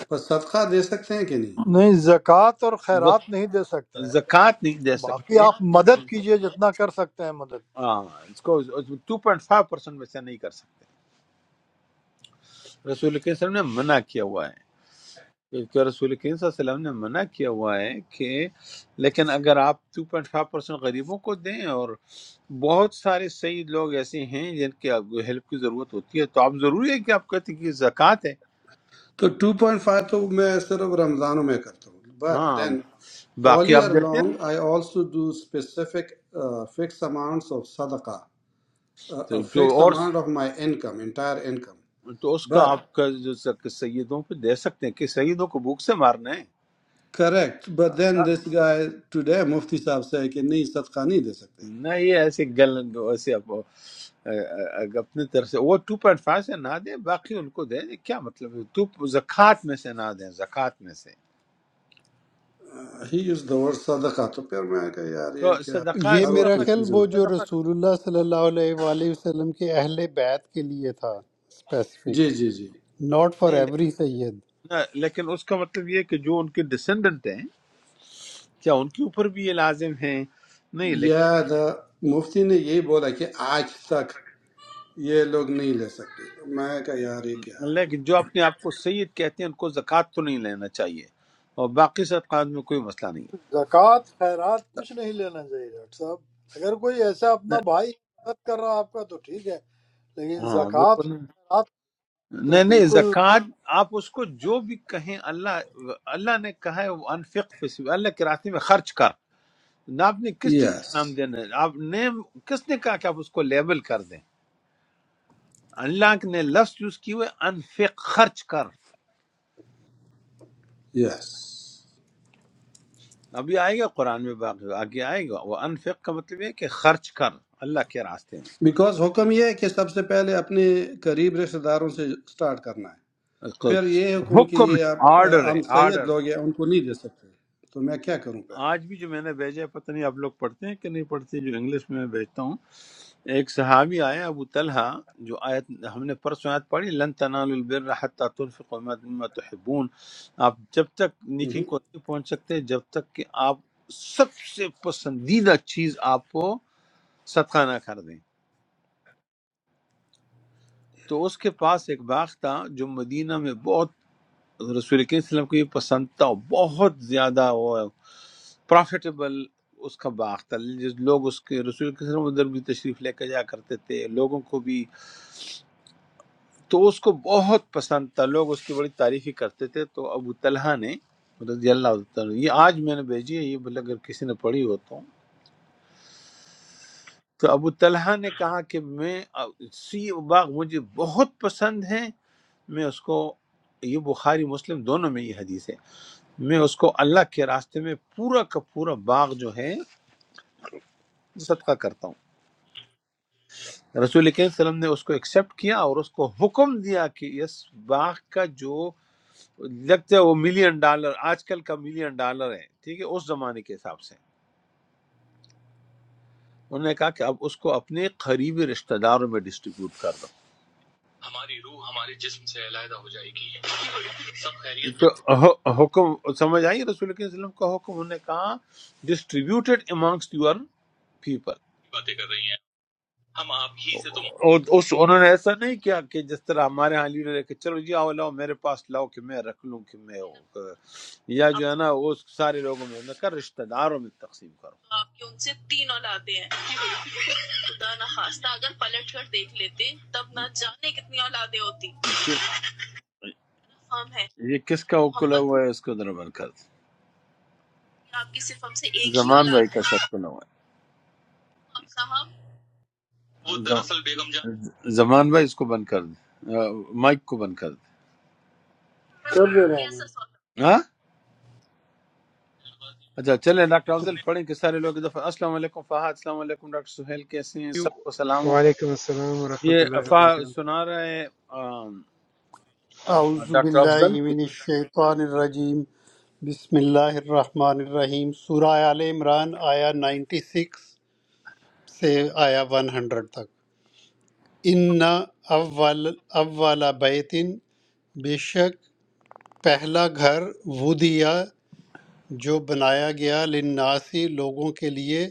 S3: پر صدقہ دے سکتے ہیں کہ نہیں
S5: نہیں زکوٰۃ اور
S1: دو
S5: خیرات نہیں دے سکتے ہیں
S1: زکوٰۃ نہیں دے
S5: باقی
S1: سکتے
S5: آپ مدد کیجئے جتنا کر سکتے ہیں مدد
S1: ہاں اس کو ٹو پوائنٹ فائیو پرسینٹ میں سے نہیں کر سکتے رسول کریم صلی اللہ علیہ وسلم نے منع کیا ہوا ہے کیونکہ رسول کریم صلی اللہ علیہ وسلم نے منع کیا ہوا ہے کہ لیکن اگر آپ ٹو پوائنٹ فائیو پرسینٹ غریبوں کو دیں اور بہت سارے سعید لوگ ایسے ہیں جن کے آپ کو ہیلپ کی ضرورت ہوتی ہے تو آپ ضروری ہے کہ آپ کہتے ہیں کہ زکوٰۃ ہے
S3: تو ٹو پوائنٹ فائیو تو میں صرف رمضانوں میں کرتا ہوں بٹ
S1: ہاں
S3: دین all
S1: باقی آپ
S3: year
S1: دیتے
S3: long
S1: رہیں
S3: i also do specific uh, fixed amounts of sadaqah uh,
S1: تو
S3: a
S1: جو
S3: fixed
S1: اور
S3: amount of my income entire income
S1: تو اس کا
S3: But
S1: آپ کا جو زک- سیدوں پہ دے سکتے ہیں کہ سیدوں کو بھوک سے مارنا ہے
S3: Correct. But then this guy today, Mufti صاحب سے کہ نہیں صدقہ نہیں دے سکتے
S1: نہ یہ ایسے گل ایسے اب- اگر اپنی طرف سے وہ ٹو پوائنٹ فائیو سے نہ دیں باقی ان کو دیں کیا مطلب ہے تو زکوٰۃ میں سے نہ دیں زکوٰۃ میں سے
S3: ہی یوز دا ورڈ صدقہ تو پھر میں کہا یار
S1: تو
S3: یہ کیا
S1: صدقہ
S2: یہ
S3: ہر وقت
S2: میرا
S1: صدقہ
S2: خیال
S3: کنفیوژن
S2: وہ
S3: ہو
S2: جو
S3: جاتا ہے۔
S1: صدقہ
S2: رسول اللہ صلی اللہ علیہ وآلہ وسلم کے اہل بیت کے لیے تھا اسپیسیفک
S3: جی جی جی
S2: ناٹ فار
S1: نہیں لیکن
S2: ایوری سید
S1: نہ لیکن اس کا مطلب یہ ہے کہ جو ان کے ڈسینڈنٹ ہیں کیا ان کے اوپر بھی یہ لازم ہیں نہیں
S3: یا دا مفتی نے یہی بولا کہ آج تک یہ لوگ نہیں لے سکتے تو میں کہا یار یہ کیا
S1: لیکن
S3: ہے
S1: لیکن جو اپنے آپ کو سید کہتے ہیں ان کو زکوٰۃ تو نہیں لینا چاہیے اور باقی صدقات میں کوئی مسئلہ نہیں ہے
S5: زکوٰۃ خیرات کچھ نہیں لینا چاہیے ڈاکٹر صاحب اگر کوئی ایسا اپنا
S1: نہ-
S5: بھائی مدد کر رہا ہے آپ کا تو ٹھیک ہے لیکن
S1: ہاں
S5: زکوٰۃ اور
S1: بالکل
S5: خیرات تو
S1: نہیں نہیں
S5: بالکل
S1: زکوٰۃ آپ اس کو جو بھی کہیں اللہ اللہ نے کہا ہے وہ انفق فی سبیل اللہ کے راستے میں خرچ کر نہ آپ نے کس چیز
S3: یس
S1: کا نام دینا ہے آپ نے کس نے کہا کہ آپ اس کو لیبل کر دیں اللہ نے لفظ یوز کی ہوئے انفق خرچ کر
S3: یس
S1: ابھی آئے گا قرآن میں باقی آگے آئے گا وہ انفق کا مطلب یہ ہے کہ خرچ کر اللہ کے راستے میں
S3: بیکاز حکم یہ ہے کہ سب سے پہلے اپنے قریب رشتہ داروں سے سٹارٹ کرنا ہے
S1: اس کو
S3: پھر یہ حکم کہ
S1: حکم
S3: یہ
S1: ہے
S3: آپ
S1: آرڈر
S3: آ،
S1: ہے
S3: ہم سید
S1: آرڈر
S3: لوگ ہیں ان کو نہیں دے سکتے تو میں کیا کروں
S1: آج بھی جو میں نے بھیجا ہے پتہ نہیں آپ لوگ پڑھتے ہیں کہ نہیں پڑھتے جو انگلش میں میں بھیجتا ہوں ایک صحابی آئے ابو طلحہ جو آیت ہم نے پرسوں آیت پڑھی لن تنالوا البر حتى تنفقوا مما تحبون آپ جب تک
S3: پھر
S1: نیکی کو نہیں پہنچ سکتے جب تک کہ آپ سب سے پسندیدہ چیز آپ کو صدقہ نہ کر دیں تو اس کے پاس ایک باغ تھا جو مدینہ میں بہت رسول کریم صلی اللہ علیہ وسلم کو یہ پسند تھا بہت زیادہ وہ پرافیٹیبل اس کا باغ تھا جس لوگ اس کے رسول کے ادھر بھی تشریف لے کے جایا کرتے تھے لوگوں کو بھی تو اس کو بہت پسند تھا لوگ اس کی بڑی تعریف ہی کرتے تھے تو ابو طلحہ نے رضی اللہ تعالیٰ عنہ- یہ آج میں نے بھیجی ہے یہ بل اگر کسی نے پڑھی ہو تو تو ابو طلحہ نے کہا کہ میں سی باغ مجھے بہت پسند ہے میں اس کو یہ بخاری مسلم دونوں میں یہ حدیث ہے میں اس کو اللہ کے راستے میں پورا کا پورا باغ جو ہے صدقہ کرتا ہوں رسول کریم صلی اللہ علیہ وسلم نے اس کو ایکسیپٹ کیا اور اس کو حکم دیا کہ اس باغ کا جو لگتا ہے وہ ملین ڈالر آج کل کا ملین ڈالر ہے ٹھیک ہے اس زمانے کے حساب سے انہوں نے کہا کہ اب اس کو اپنے قریبی رشتہ داروں میں ڈسٹریبیوٹ کر دو
S5: ہماری روح ہمارے جسم سے علیحدہ ہو جائے گی سب خیریت تو
S1: تو ح- حکم سمجھ آئی رسول کے وسلم کا حکم انہوں نے کہا ڈسٹریبیوٹیڈ امانگس یور پیپل
S5: کی باتیں کر رہی ہیں ہم آپ ہی سے تو محبت
S1: اور اس انہوں نے ایسا نہیں کیا کہ جس طرح ہمارے ہاں لیڈر ہے کہ چلو جی آؤ لاؤ میرے پاس لاؤ کہ میں رکھ لوں کہ میں یا جو ہے نا وہ سارے لوگوں میں انہوں نے کہا رشتہ داروں میں تقسیم کرو
S5: تو آپ کی ان سے تین اولادیں ہیں خدا نہ خواستہ اگر پلٹ کر دیکھ لیتے تب نہ جانے کتنی اولادیں ہوتی
S1: جی
S5: ہم ہے
S1: یہ کس کا کلا
S5: محبت
S1: ہوا ہے اس کو ذرا بند کر دیں
S5: کی آپ کی صرف ہم سے ایک ہی
S1: زمان بھائی
S5: اولاد ہے
S1: کا شاید کلا ہوا
S5: آپ صاحب وہ
S1: ہے
S5: دراصل بیگم جان
S1: زم- زمان بھائی اس کو بند کر دیں آ، مائک کو بند کر دیں
S5: کر دے رہا ہوں کیسا سوال
S1: ہاں اچھا چلیں ڈاکٹر افضل
S5: چلیں
S1: پڑھیں کہ سارے لوگ ایک دفعہ السلام علیکم فہد السلام علیکم ڈاکٹر سہیل کیسے ہیں سب کو سلام ہو
S6: Assalamualaikum
S1: یہ
S6: warahmatullahi
S1: فا سنا رہے آ،
S2: اعوذ
S1: ڈاکٹر
S2: باللہ
S1: افضل
S2: من الشیطان الرجیم بسم اللہ الرحمن الرحیم سورہ آل عمران آیا 96 سے آیا 100 تک ان اول اول بیتن بے شک پہلا گھر وہ دیا جو بنایا گیا لناسی لوگوں کے لیے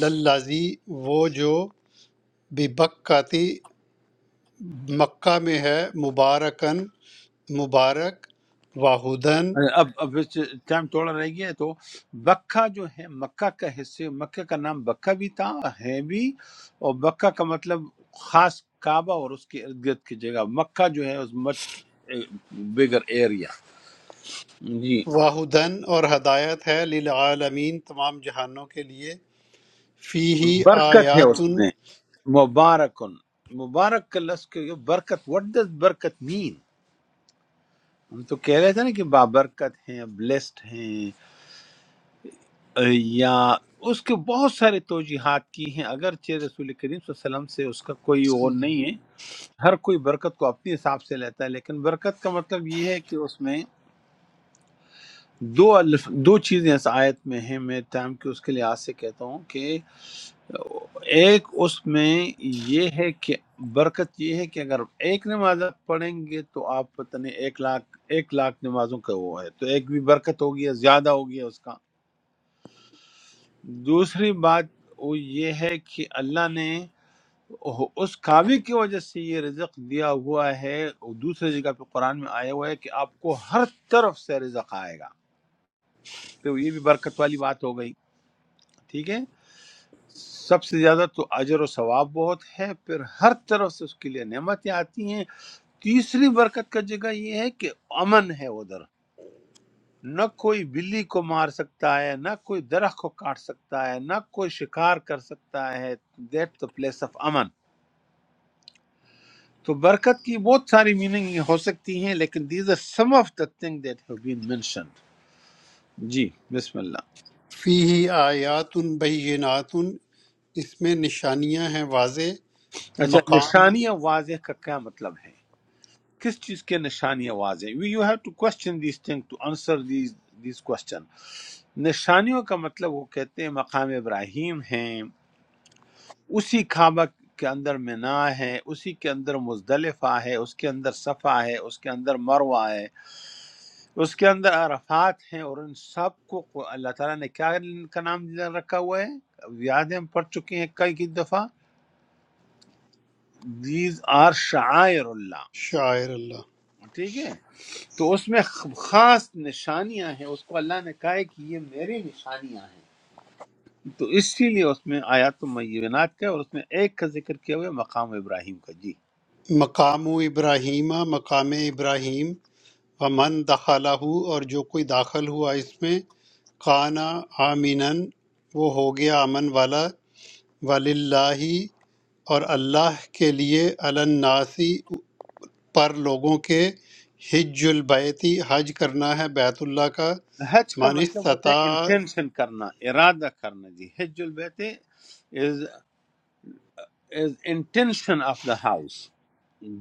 S2: للازی وہ جو ببکاتی مکہ میں ہے مبارکن مبارک واہدن
S1: اب اب ٹائم تھوڑا رہ گیا ہے تو بکہ جو ہے مکہ کا حصے مکہ کا نام بکہ بھی تھا ہے بھی اور بکہ کا مطلب خاص کعبہ اور اس کے ارد گرد کی جگہ مکہ جو ہے اس مچ بگر ایریا جی
S2: واہدن اور ہدایت ہے للعالمین تمام جہانوں کے لیے فی ہی
S1: برکت ہے اس
S2: آیاتن
S1: میں مبارکن مبارک کا لفظ کے یہ برکت وٹ ڈز برکت مین ہم تو کہہ رہے تھے نا کہ بابرکت ہیں بلیسڈ ہیں یا اس کے بہت سارے توجیحات کی ہیں اگرچہ رسول کریم صلی اللہ علیہ وسلم سے اس کا کوئی وہ نہیں ہے ہر کوئی برکت کو اپنے حساب سے لیتا ہے لیکن برکت کا مطلب یہ ہے کہ اس میں دو الف دو چیزیں اس آیت میں ہیں میں ٹائم کے اس کے لحاظ سے کہتا ہوں کہ ایک اس میں یہ ہے کہ برکت یہ ہے کہ اگر ایک نماز آپ پڑھیں گے تو آپ پتہ نہیں ایک لاکھ ایک لاکھ نمازوں کا وہ ہے تو ایک بھی برکت ہوگی یا زیادہ ہوگی اس کا دوسری بات وہ یہ ہے کہ اللہ نے اس کعبے کی وجہ سے یہ رزق دیا ہوا ہے اور دوسری جگہ پہ قرآن میں آیا ہوا ہے کہ آپ کو ہر طرف سے رزق آئے گا تو یہ بھی برکت والی بات ہو گئی ٹھیک ہے سب سے زیادہ تو اجر و ثواب بہت ہے پھر ہر طرف سے اس کے لیے نعمتیں آتی ہیں تیسری برکت کا جگہ یہ ہے کہ امن ہے ادھر نہ کوئی بلی کو مار سکتا ہے نہ کوئی درخت کو کاٹ سکتا ہے نہ کوئی شکار کر سکتا ہے دیٹ دا پلیس آف امن تو برکت کی بہت ساری میننگ ہو سکتی ہیں لیکن these are some of the thing that have been mentioned جی بسم اللہ
S2: فی آیات بینات اس میں نشانیاں ہیں واضح
S1: اچھا
S2: مقام
S1: نشانیاں واضح کا کیا مطلب ہے کس چیز کے نشانیاں واضح you have to question these thing to answer these these question نشانیوں کا مطلب وہ کہتے ہیں مقام ابراہیم ہیں اسی کعبہ کے اندر منا ہے اسی کے اندر مزدلفہ ہے اس کے اندر صفا ہے اس کے اندر مروہ ہے اس کے اندر عرفات ہیں اور ان سب کو کو اللہ تعالیٰ نے کیا ان کا نام رکھا ہوا ہے اب یاد ہے ہم پڑھ چکے ہیں کئی کی دفعہ دیز آر شعائر اللہ
S2: شاعر اللہ
S1: ٹھیک ہے تو اس میں خ- خاص نشانیاں ہیں اس کو اللہ نے کہا ہے کہ یہ میری نشانیاں ہیں تو اسی لیے اس میں آیات المینات کا ہے اور اس میں ایک کا ذکر کیا ہوا ہے مقام ابراہیم کا جی
S2: مقام ابراہیمہ مقام ابراہیم ومن دخلہ اور جو کوئی داخل ہوا اس میں کانا آمینن وہ ہو گیا امن والا وللہ اور اللہ کے لیے الناسی پر لوگوں کے حج البیتی حج کرنا ہے بیت اللہ کا
S1: حج کا
S2: من
S1: مطلب ہوتا ہے
S2: استطاع
S1: انٹینشن کرنا ارادہ کرنا جی حج البیت is is intention of the house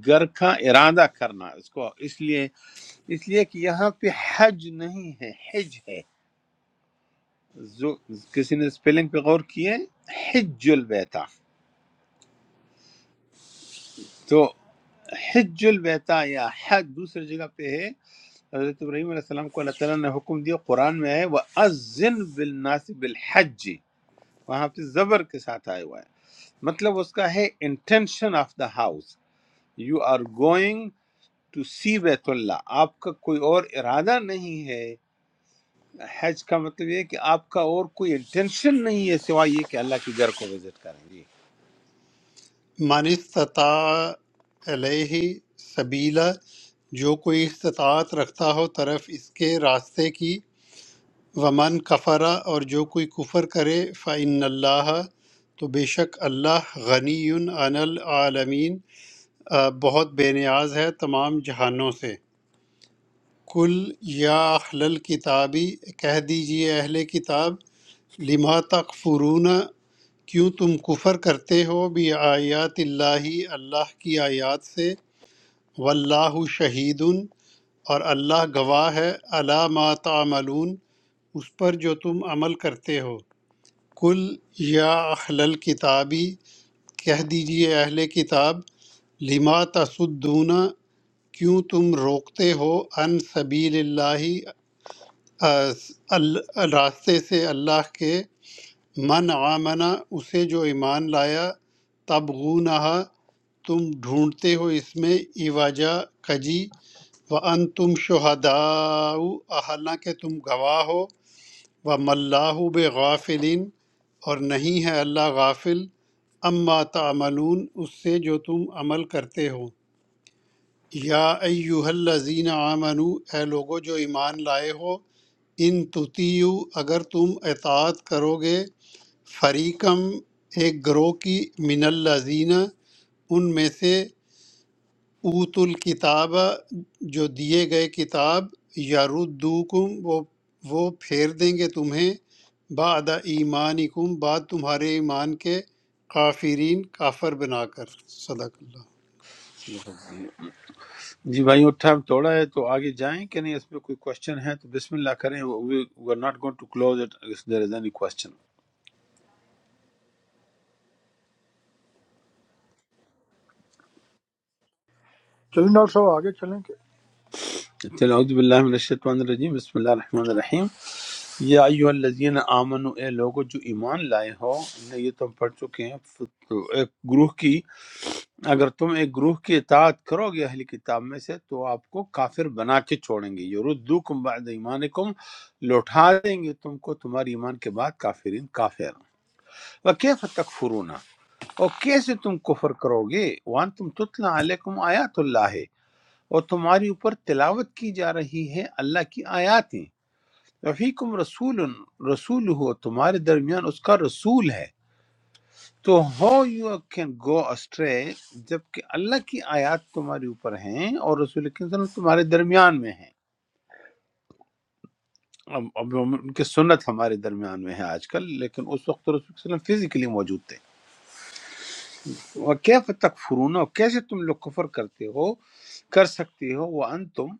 S1: گھر کا ارادہ کرنا اس کو اس لیے اس لیے کہ یہاں پہ حج نہیں ہے حج ہے جو کسی نے سپیلنگ پہ غور کیے حج البیتا تو حج البیتا یا حج دوسری جگہ پہ ہے حضرت ابراہیم علیہ السلام کو اللہ تعالیٰ نے حکم دیا قرآن میں ہے وہ ازن بالناس بالحج وہاں پہ زبر کے ساتھ آیا ہوا ہے مطلب اس کا ہے intention of the house you are going to see بیت اللہ آپ کا کوئی اور ارادہ نہیں ہے حج کا مطلب یہ ہے کہ آپ کا اور کوئی انٹینشن نہیں ہے سوائے یہ کہ اللہ کے گھر کو وزٹ کریں جی
S2: من استطاع علیہ سبیلا جو کوئی استطاعت رکھتا ہو طرف اس کے راستے کی ومن کفرا اور جو کوئی کفر کرے فعن اللہ تو بے شک اللہ غنی عن العالمین آ، بہت بے نیاز ہے تمام جہانوں سے کل یا اہل الکتابی کہہ دیجئے اہل کتاب لما تکفرون کیوں تم کفر کرتے ہو بھی آیات اللہ اللہ کی آیات سے واللہ شہید اور اللہ گواہ ہے علی ما تعملون اس پر جو تم عمل کرتے ہو کل یا اہل الکتابی کہہ دیجئے اہل کتاب لما تصدون کیوں تم روکتے ہو ان سبیل اللہ اس- ال- راستے سے اللہ کے من آمنا اسے جو ایمان لایا تبغونہا تم ڈھونڈتے ہو اس میں ایواجہ کجی وَأَنْتُمْ شُهَدَاءُ حالانکہ تم گواہ ہو وَمَا اللَّهُ بِغَافِلٍ اور نہیں ہے اللہ غافل اما تعملون اس سے جو تم عمل کرتے ہو یا ایوہ الذین آمنو اے لوگو جو ایمان لائے ہو ان تطیعو اگر تم اطاعت کرو گے فریقم ایک گروہ کی من الذین ان میں سے اوت الکتاب جو دیے گئے کتاب یاردوکم وہ وہ پھیر دیں گے تمہیں بعد ایمانکم بعد تمہارے ایمان کے کافرین کافر بنا کر صدق اللہ
S1: جی بھائی ٹائم تھوڑا ہے تو آگے جائیں کہ نہیں اس میں کوئی کوشچن ہے تو بسم اللہ کریں we are not going to close it if there is any question
S5: doctor صاحب آگے چلیں کہ
S1: اعوذ باللہ من الشیطان الرجیم بسم اللہ الرحمن الرحیم یا ایہا الذین آمنو اے لوگو جو ایمان لائے ہو نے یہ تم پڑھ چکے ہیں فت- ایک گروہ کی اگر تم ایک گروہ کی اطاعت کرو گے اہلی کتاب میں سے تو آپ کو کافر بنا کے چھوڑیں گے یردوکم بعد ایمانکم لوٹا دیں گے تم کو تمہاری ایمان کے بعد کافرین کافر وکیف تکفرون اور کیسے تم کفر کرو گے وان تم تتلا علیکم آیات اللہ اور تمہاری اوپر تلاوت کی جا رہی ہے اللہ کی آیاتیں فیکم رسول رسول ہو تمہارے درمیان اس کا رسول ہے تو how you can go astray جب کہ اللہ کی آیات تمہارے اوپر ہیں اور رسول کی سنت تمہارے درمیان میں ہیں اب اب ہم- ان کی سنت ہمارے درمیان میں ہے آج کل لیکن اس وقت رسول صلی اللہ علیہ وسلم فزیکلی موجود تھے وَكَيْفَ تَكْفُرُونَ اور کیسے تم لوگ کفر کرتے ہو کر سکتے ہو وَأَنْتُمْ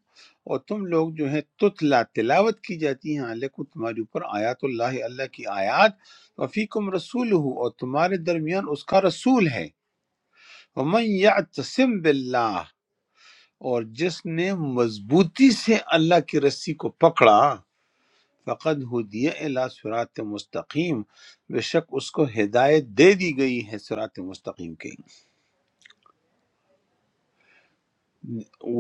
S1: اور تم لوگ جو ہے تتلا تلاوت کی جاتی ہیں علیکم تمہارے اوپر آیات اللہ اللہ کی آیات وفیکم رسولہ اور تمہارے درمیان اس کا رسول ہے وَمَنْ يَعْتَسِمْ بِاللَّهِ اور جس نے مضبوطی سے اللہ کی رسی کو پکڑا فقد ہدی الی صراط مستقیم بے شک اس کو ہدایت دے دی گئی ہے صراط مستقیم کی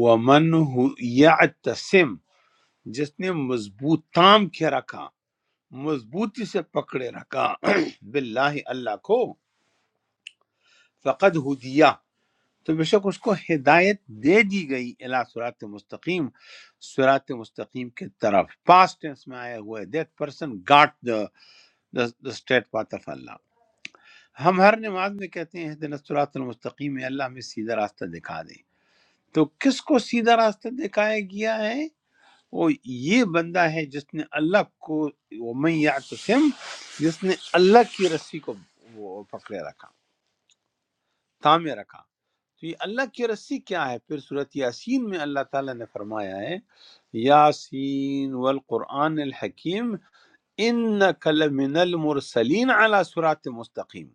S1: ومن ہو یعتصم جس نے مضبوط تام کے رکھا مضبوطی سے پکڑے رکھا باللہ اللہ کو فقد ہدیہ تو بے شک اس کو ہدایت دے دی گئی الہ سرات مستقیم سرات مستقیم کے طرف پاسٹ ٹینس میں آیا ہوا ہے that person got the straight path of Allah ہم ہر نماز میں کہتے ہیں دن سرات المستقیم اے اللہ ہمیں سیدھا راستہ دکھا دے تو کس کو سیدھا راستہ دکھایا گیا ہے وہ یہ بندہ ہے جس نے اللہ کو ومن یعتصم جس نے اللہ کی رسی کو وہ پکڑے رکھا تامے رکھا تو یہ اللہ کی رسی کیا ہے پھر صورت یاسین میں اللہ تعالیٰ نے فرمایا ہے یاسین والقرآن الحکیم انک لمن المرسلین علی صراط مستقیم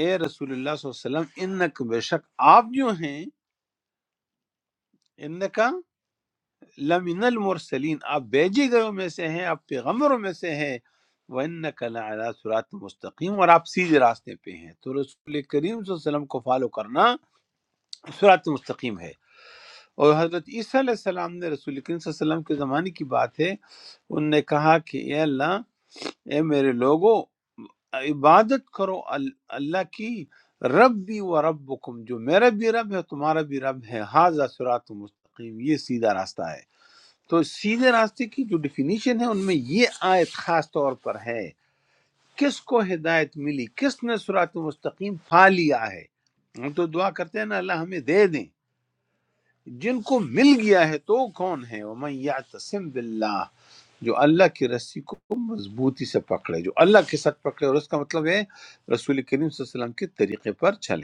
S1: اے رسول اللہ صلی اللہ علیہ وسلم انک بے شک آپ جو ہیں انک لمن المرسلین آپ بھیجے گئے میں سے ہیں آپ پیغمبروں میں سے ہیں وَإِنَّكَ لَعَلَىٰ صُرَاطٍ مستقیم اور آپ سیدھے راستے پہ ہیں تو رسول کریم صلی اللہ علیہ وسلم کو فالو کرنا صراط مستقیم ہے اور حضرت عیسیٰ علیہ السلام نے رسول کریم صلی اللہ علیہ وسلم کے زمانے کی بات ہے ان نے کہا کہ اے اللہ اے میرے لوگوں عبادت کرو ال- اللہ کی رب بھی و ربکم جو میرا بھی رب ہے تمہارا بھی رب ہے حاضر صراط مستقیم یہ سیدھا راستہ ہے تو سیدھے راستے کی جو ڈیفینیشن ہے ان میں یہ آیت خاص طور پر ہے کس کو ہدایت ملی کس نے سرات مستقیم پا لیا ہے ہم تو دعا کرتے ہیں نا اللہ ہمیں دے دیں جن کو مل گیا ہے تو وہ کون ہے وَمَنْ يَعْتَصِمْ بِاللَّهِ جو اللہ کی رسی کو مضبوطی سے پکڑے جو اللہ کے ساتھ پکڑے اور اس کا مطلب ہے رسول کریم صلی اللہ علیہ وسلم کے طریقے پر چلے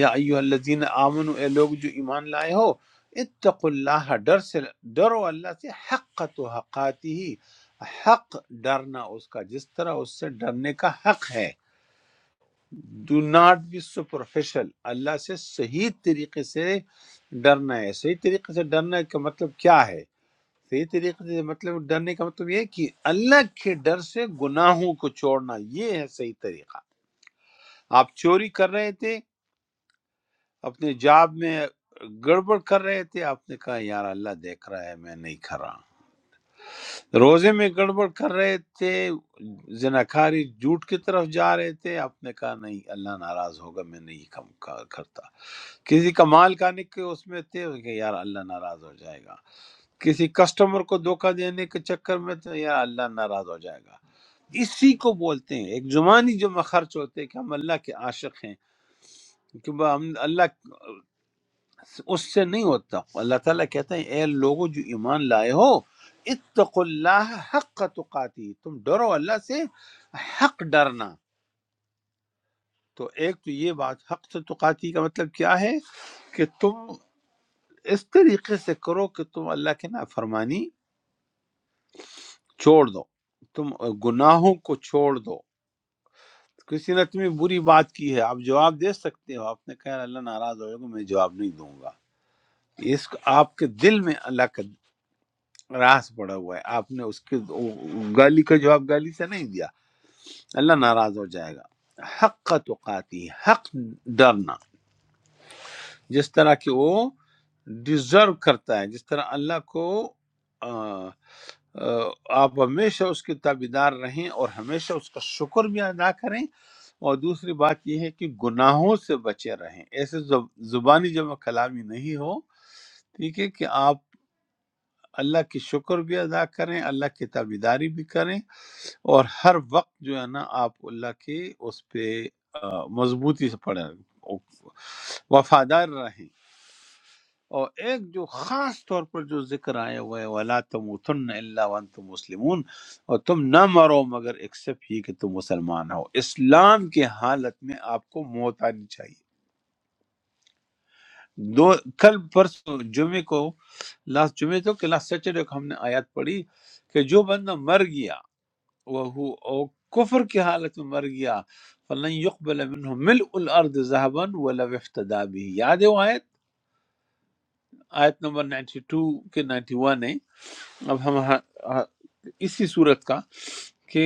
S1: یا ایو الذین آمنو اے لوگ جو ایمان لائے ہو اتقوا اللہ ڈر سے ڈرو اللہ سے حق تو حقاتی ہی حق ڈرنا اس کا جس طرح اس سے ڈرنے کا حق ہے do not be superficial اللہ سے صحیح طریقے سے ڈرنا ہے صحیح طریقے سے ڈرنا کا مطلب کیا ہے صحیح طریقے سے مطلب ڈرنے کا مطلب یہ ہے کہ اللہ کے ڈر سے گناہوں کو چھوڑنا یہ ہے صحیح طریقہ آپ چوری کر رہے تھے اپنے جاب میں گڑبڑ کر رہے تھے آپ نے کہا یار اللہ دیکھ رہا ہے میں نہیں کر رہا روزے میں گڑبڑ کر رہے تھے زناکاری جھوٹ کی طرف جا رہے تھے آپ نے کہا نہیں اللہ ناراض ہوگا میں نہیں کم کا- کرتا کسی کا مال کھانے کے اس میں تھے کہ یار اللہ ناراض ہو جائے گا کسی کسٹمر کو دھوکہ دینے کے چکر میں تھے یار اللہ ناراض ہو جائے گا اسی کو بولتے ہیں ایک زمانی جو خرچ ہوتے ہیں کہ ہم اللہ کے عاشق ہیں کہ ہم اللہ اس سے نہیں ہوتا اللہ تعالیٰ کہتا ہے اے لوگوں جو ایمان لائے ہو اتقوا اللہ حق تقاتی تم ڈرو اللہ سے حق ڈرنا تو ایک تو یہ بات حق سے تقاتی کا مطلب کیا ہے کہ تم اس طریقے سے کرو کہ تم اللہ کی نافرمانی چھوڑ دو تم گناہوں کو چھوڑ دو کسی نے تمہیں بری بات کی ہے آپ جواب دے سکتے ہو آپ نے کہا اللہ ناراض ہوئے گا میں جواب نہیں دوں گا اس کو آپ کے دل میں اللہ کا راس پڑا ہوا ہے آپ نے اس کے گالی کا جواب گالی سے نہیں دیا اللہ ناراض ہو جائے گا حق کا تقاتی حق ڈرنا جس طرح کہ وہ ڈیزرو کرتا ہے جس طرح اللہ کو آ، آ، آپ ہمیشہ اس کے تابیدار رہیں اور ہمیشہ اس کا شکر بھی ادا کریں اور دوسری بات یہ ہے کہ گناہوں سے بچے رہیں ایسے زب- زبانی جمع کلامی نہیں ہو ٹھیک ہے کہ آپ اللہ کی شکر بھی ادا کریں اللہ کی تابیداری بھی کریں اور ہر وقت جو ہے نا آپ اللہ کے اس پہ آ، مضبوطی سے پڑے وفادار رہیں اور ایک جو خاص طور پر جو ذکر آیا ہوا ہے وَلَا تَمُوتُنَّ إِلَّا وَأَنْتُمْ مُسْلِمُونَ اور تم نہ مرو مگر ایکسیپٹ یہ کہ تم مسلمان ہو اسلام کی حالت میں آپ کو موت آنی چاہیے دو کل پرسوں جمعے کو لاسٹ جمعے تو کہ لاسٹ سیٹرڈے کو ہم نے آیات پڑھی کہ جو بندہ مر گیا وہ او کفر کی حالت میں مر گیا فلن يقبل منه ملء الارض ذهبا ولو افتدى به یاد ہے وہ آیت آیت نمبر 92 کے 91 ہے اب ہم ہا- ہا- اسی صورت کا کہ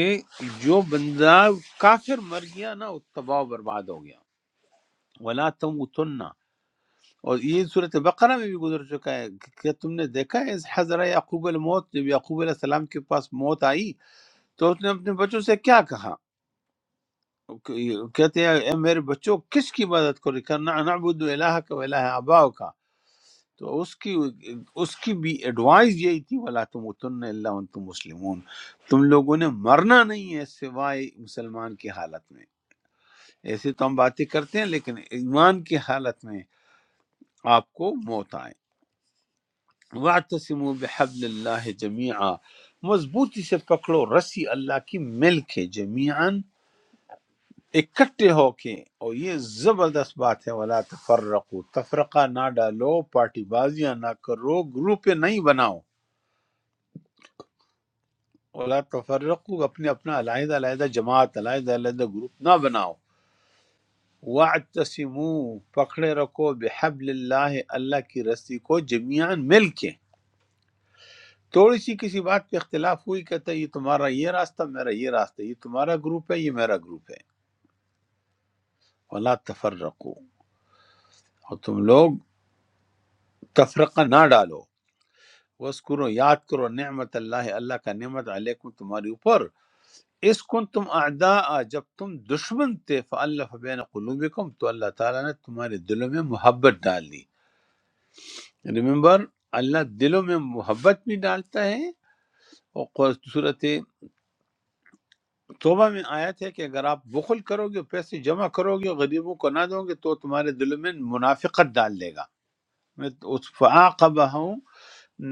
S1: جو بندہ کافر مر گیا نا وہ تباہ و برباد ہو گیا ولا تموتن اور یہ صورت بقرہ میں بھی گزر چکا ہے کہ کیا تم نے دیکھا ہے اس حضرہ یعقوب الموت جب یعقوب علیہ السلام کے پاس موت آئی تو اس نے اپنے بچوں سے کیا کہا کہتے ہیں اے میرے بچوں کس کی عبادت کرو کرنا نعبد الہ کا و الہ آباؤ کا تو اس کی اس کی بھی ایڈوائز یہی تھی ولا تم اتن اللہ انتم مسلمون تم لوگوں نے مرنا نہیں ہے سوائے مسلمان کی حالت میں ایسے تو ہم باتیں کرتے ہیں لیکن ایمان کی حالت میں آپ کو موت آئے۔ واعتصموا بحبل اللہ جمیعا مضبوطی سے پکڑو رسی اللہ کی مل کے جمیعاً اکٹھے ہو کے اور یہ زبردست بات ہے ولا تفرقو تفرقہ نہ ڈالو پارٹی بازیاں نہ کرو گروپ نہیں بناؤ ولا تفرقو اپنے اپنا علیحدہ علیحدہ جماعت علیحدہ علیحدہ گروپ نہ بناؤ واعتصموا پکڑے رکھو بحبل اللہ اللہ کی رسی کو جمیعاً مل کے تھوڑی سی کسی بات پہ اختلاف ہوئی کہتا ہے یہ تمہارا یہ راستہ میرا یہ راستہ یہ تمہارا گروپ ہے یہ میرا گروپ ہے ولا تفرقو اور تم لوگ تفرقہ نہ ڈالو بس کرو یاد کرو نعمت اللہ اللہ کا نعمت علیکم تمہارے اوپر اس کن تم اعداء جب تم دشمن تھے فالف بین قلوبکم تو اللہ تعالیٰ نے تمہارے دلوں میں محبت ڈال دی ریمبر اللہ دلوں میں محبت بھی ڈالتا ہے اور صورت توبہ میں آیت ہے کہ اگر آپ بخل کرو گے پیسے جمع کرو گے غریبوں کو نہ دو گے تو تمہارے دل میں منافقت ڈال لے گا میں تو اس فعاقبہ ہوں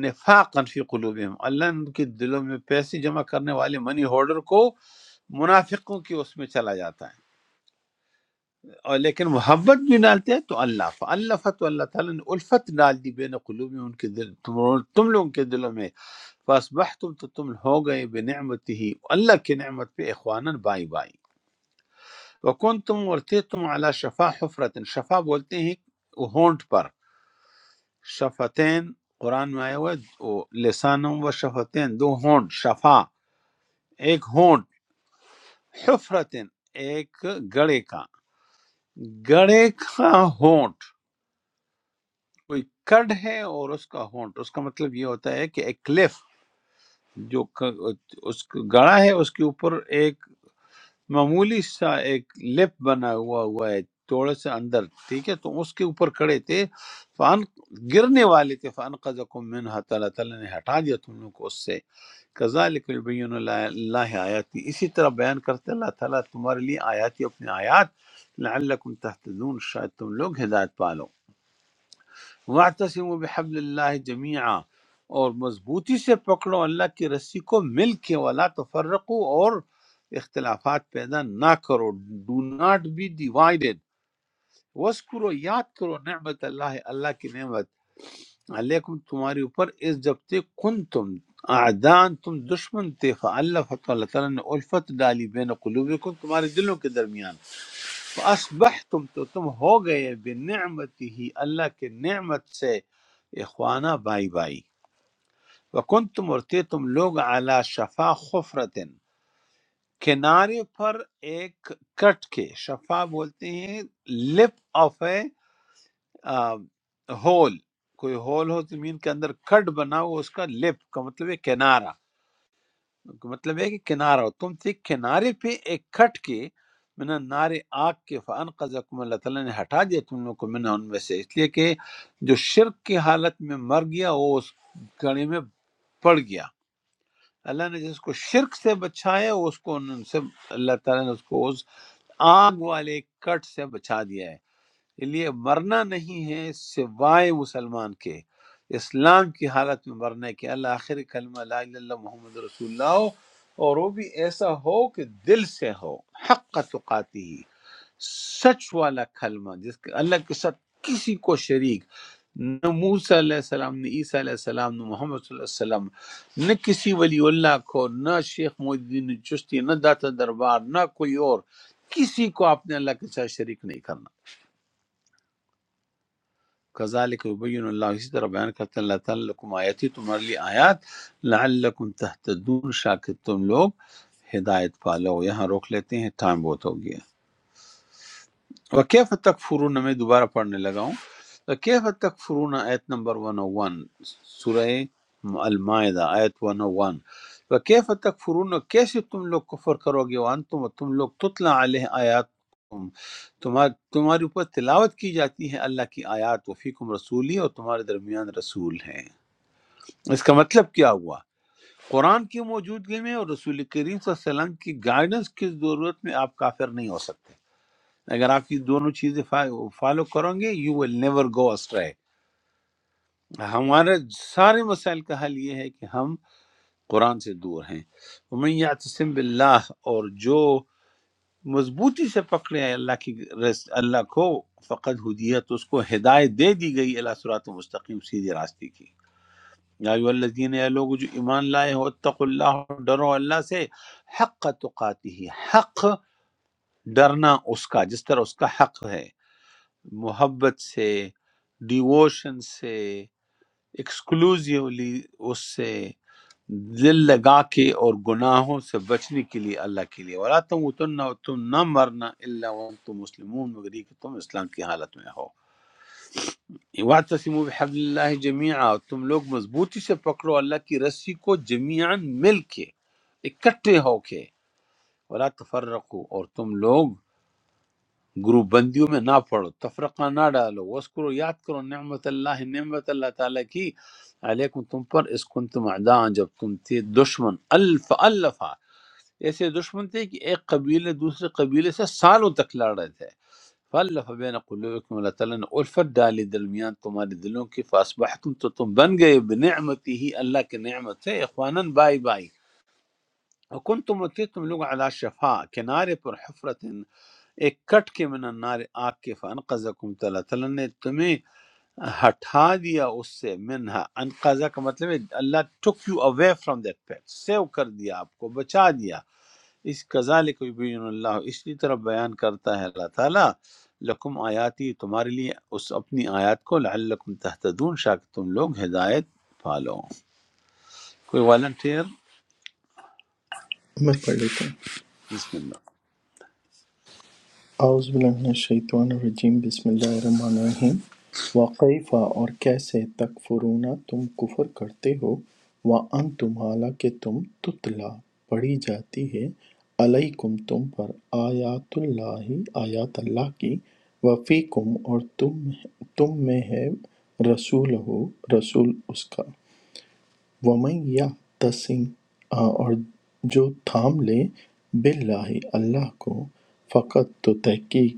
S1: نفاقا فی قلوبہم اللہ ان کے دلوں میں پیسے جمع کرنے والے منی ہولڈر کو منافقوں کی اس میں چلا جاتا ہے اور لیکن محبت بھی ڈالتے ہیں تو اللہ فالفت تو اللہ تعالیٰ نے الفت ڈال دی بین قلوب ان کے دل تم, تم لوگوں کے دلوں میں فاسبحتم تو تم ہو گئے بنعمتی ہی اللہ کی نعمت پہ اخوانا بائی بائی وکنتم اور تھے تم علی شفا حفرت شفا بولتے ہیں ہونٹ پر شفتین قرآن میں آیا ہوا ہے وہ لسانم و شفتین دو ہونٹ شفا ایک ہونٹ حفرتن ایک گڑے کا گڑے کا ہونٹ کوئی کڈ ہے اور اس کا ہونٹ اس کا مطلب یہ ہوتا ہے کہ ایک کلف جو ک- اس کا گڑا ہے اس کے اوپر ایک معمولی سا ایک لپ بنا ہوا ہوا ہے تھوڑا سا اندر ٹھیک ہے تو اس کے اوپر کھڑے تھے فان گرنے والے تھے فان قزکم منہا تعالیٰ تعالیٰ نے ہٹا دیا تم لوگ کو اس سے کذالک یبین اللہ اللہ آیاتی اسی طرح بیان کرتے اللہ تعالیٰ تمہارے لیے آیاتی اپنے آیات لعلکم تحتدون شاید تم لوگ ہدایت پالو واعتصموا بحبل اللہ جمیعا اور مضبوطی سے پکڑو اللہ کی رسی کو مل کے ولا تفرقو اور اختلافات پیدا نہ کرو ڈو ناٹ بی ڈیوائڈیڈ وسکرو یاد کرو نعمت اللہ اللہ کی نعمت علیکم تمہارے اوپر اس جب تک کن تم اعدان تم دشمن تھے فاللہ فتح اللہ تعالیٰ نے الفت ڈالی بین قلوبکم تمہارے دلوں کے درمیان اصبحتم تو تم ہو گئے بنعمتی ہی اللہ کے نعمت سے اخوانہ بائی بائی وکنتم اور تھے تم لوگ اعلی شفا خفرتن کنارے پر ایک کٹ کے شفا بولتے ہیں لپ آف اے ہول کوئی ہول ہو زمین کے اندر کٹ بنا ہو اس کا لپ کا مطلب ہے کنارہ مطلب ہے کہ کنارہ ہو تم تھے کنارے پہ ایک کھٹ کے من نار آگ کے فانقذکم اللہ تعالیٰ نے ہٹا دیا تم لوگوں کو من ان میں سے اس لیے کہ جو شرک کی حالت میں مر گیا وہ اس گڑی میں پڑ گیا اللہ نے جس کو شرک سے بچایا وہ اس کو ان سے اللہ تعالیٰ نے اس کو اس آگ والے کٹ سے بچا دیا ہے لیے مرنا نہیں ہے سوائے مسلمان کے اسلام کی حالت میں مرنا ہے کہ اللہ آخر کلمہ لا الہ الا اللہ محمد رسول اللہ ہو اور وہ بھی ایسا ہو کہ دل سے ہو حق تقاتی سچ والا کلمہ جس کے اللہ کے ساتھ کسی کو شریک نہ موسیٰ علیہ السلام نہ عیسیٰ علیہ السلام نہ محمد صلی اللہ علیہ وسلم نہ کسی ولی اللہ کو نہ شیخ محی الدین چشتی نہ داتا دربار نہ کوئی اور کسی کو آپ نے اللہ کے ساتھ شریک نہیں کرنا کذالک یبین اللہ اسی طرح بیان کرتے ہیں اللہ تعالیٰ لکم آیاتی تمہارے لیے آیات لعلکم تہتدون شاکر تم لوگ ہدایت پالو یہاں روک لیتے ہیں ٹائم بہت ہوگیا وکیف تکفرون میں دوبارہ پڑھنے لگا ہوں وکیف تکفرون آیت نمبر 101 سورہ المائدہ آیت 101 وکیف تکفرون کیسے تم لوگ کفر کرو گے وانتم اور تم لوگ تتلا علیہ آیات تمہار تمہارے اوپر تلاوت کی جاتی ہے اللہ کی آیات وفیکم رسولی اور تمہارے درمیان رسول ہیں اس کا مطلب کیا ہوا قرآن کی موجودگی میں اور رسول کریم صلی اللہ علیہ وسلم کی گائیڈنس کی ضرورت میں آپ کافر نہیں ہو سکتے اگر آپ یہ دونوں چیزیں فالو کرو گے you will never go astray ہمارے سارے مسائل کا حل یہ ہے کہ ہم قرآن سے دور ہیں ومن یعتصم باللہ اور جو مضبوطی سے پکڑے ہے اللہ کی رس اللہ کو فقد ہدیت اس کو ہدایت دے دی گئی اللہ صراط مستقیم سیدھے راستے کی یا ایوہ الذین اے لوگ جو ایمان لائے ہو اتقوا اللہ ڈرو اللہ سے حق تقاتی حق ڈرنا اس کا جس طرح اس کا حق ہے محبت سے ڈیووشن سے ایکسکلوزیولی اس سے دل لگا کے اور گناہوں سے بچنے کے لیے اللہ کے لیے ولا تم اتنا اور تم نہ مرنا اللہ وم تم مسلمون مگر یہ کہ تم اسلام کی حالت میں ہو وَاعْتَصِمُوا بِحَبْلِ اللَّهِ جَمِيعًا اور تم لوگ مضبوطی سے پکڑو اللہ کی رسی کو جمیعاً مل کے اکٹھے ہو کے ولا تفرقوا اور تم لوگ گروپ بندیوں میں نہ پڑو تفرقہ نہ ڈالو وسکرو یاد کرو نعمت اللہ نعمت اللہ تعالیٰ کی علیکم تم پر اس کن تم جب تم تھے دشمن الف الفا ایسے دشمن تھے کہ ایک قبیلے دوسرے قبیلے سے سالوں تک لڑ رہے تھے فالف بین قلوبکم اللہ تعالیٰ نے الفت ڈالی درمیان تمہارے دلوں کی فاسبحتم تو تم بن گئے بنعمتی ہی اللہ کی نعمت سے اخواناً بائی بائی وکن تم تم لوگ علی شفا کنارے پر حفرت ایک کٹ کے من النار آگ کے فانقذکم تو اللہ تعالیٰ نے تمہیں ہٹا دیا اس سے منہا انقذہ کا مطلب ہے Allah took you away from that pit save کر دیا آپ کو بچا دیا اس کذالک یبین اللہ اسی طرح بیان کرتا ہے اللہ تعالیٰ لکم آیاتی تمہارے لیے اس اپنی آیات کو لعلکم تہتدون شاید تم لوگ ہدایت پالو کوئی والنٹیر
S7: میں پڑھ لیتا ہوں
S1: بسم اللہ
S7: اعوذ باللہ من الشیطان الرجیم بسم اللہ الرحمن الرحیم وقیفہ اور کیسے تکفرون تم کفر کرتے ہو وانتم حالانکہ تم تتلا پڑھی جاتی ہے علیکم تم پر آیات اللہ آیات اللہ کی وفیکم اور تم تم میں ہے رسول ہو رسول اس کا وَمَن یَعْتَصِم اور جو تھام لے باللہ اللہ کو فقط تو تحقیق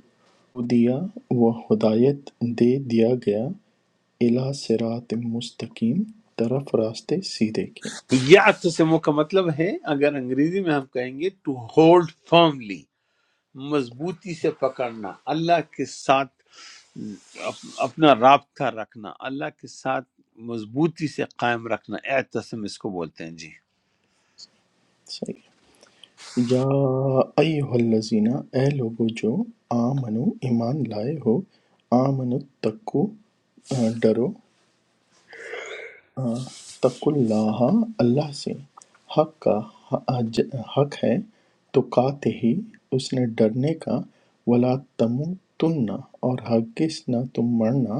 S7: ہدیٰ وہ ہدایت دے دیا گیا اِلی صراط مستقیم طرف راستے سیدھے کے
S1: یا کا مطلب ہے اگر انگریزی میں ہم کہیں گے ٹو ہولڈ firmly مضبوطی سے پکڑنا اللہ کے ساتھ اپ- اپنا رابطہ رکھنا اللہ کے ساتھ مضبوطی سے قائم رکھنا اعتصم اس کو بولتے ہیں جی
S7: صحیح یا ایہا الذین اے لوگو جو آمنو ایمان لائے ہو آمنو تقو ڈرو ہاں، تقوا اللہ اللہ سے حق کا حج- حق ہے تو کاتے ہی اس نے ڈرنے کا ولا تم تننا اور ہرگز نہ تم مرنا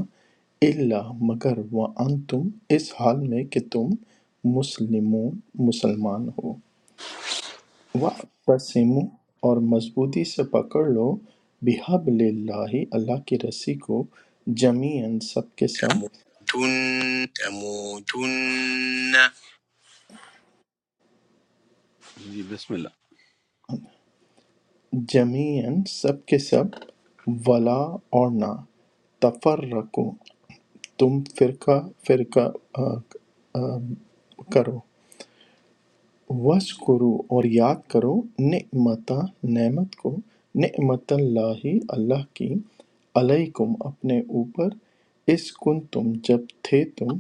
S7: اللہ مگر وان تم اس حال میں کہ تم مسلمون مسلمان ہو وَاعْتَصِمُوا اور مضبوطی سے پکڑ لو بِحَبْلِ اللَّہِ اللہ کی رسی کو جمیعاً سب کے سب
S1: تن تموتن جی بسم اللہ
S7: جمیعاً سب کے سب ولا اور نہ تفرقو تم فرقہ فرقہ آ، آ، کرو وش کرو اور یاد کرو نعمت نعمت کو نعمت اللہ اللہ کی علیکم اپنے اوپر اس کن تم جب تھے تم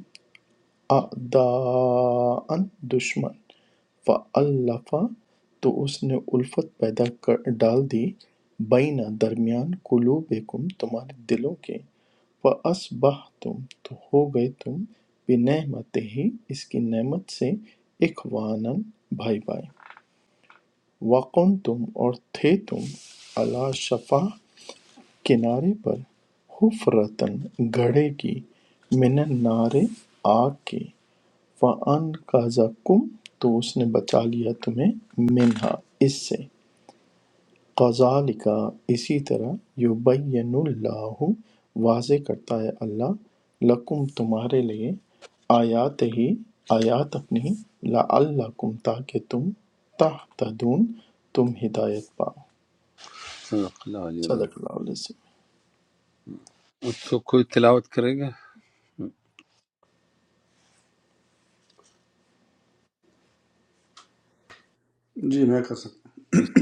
S7: اعداءً دشمن فَأَلَّفَ تو اس نے الفت پیدا کر ڈال دی بین درمیان قلوبکم تمہارے دلوں کے فَأَصْبَحْتُمْ تو ہو گئے تم بنعمتہ ہی اس کی نعمت سے اخوانا بھائی بھائی وَقُنْتُمْ اور تھے تم عَلَى شفا کنارے پر حفرتن گڑھے کی من النار آگ کی فَأَنْقَذَکُم تو اس نے بچا لیا تمہیں منہا اس سے کذالک اسی طرح یبین اللہ واضح کرتا ہے اللہ لکم تمہارے لیے آیات ہی آیات اپنی لعلکم تاکہ تم تہتدون تم ہدایت پاؤ
S1: صدق اللہ علیہ وسلم
S7: صدق اللہ علیہ وسلم
S1: اس کو کوئی تلاوت کرے گا
S3: जी मैं कर सकता
S1: بسم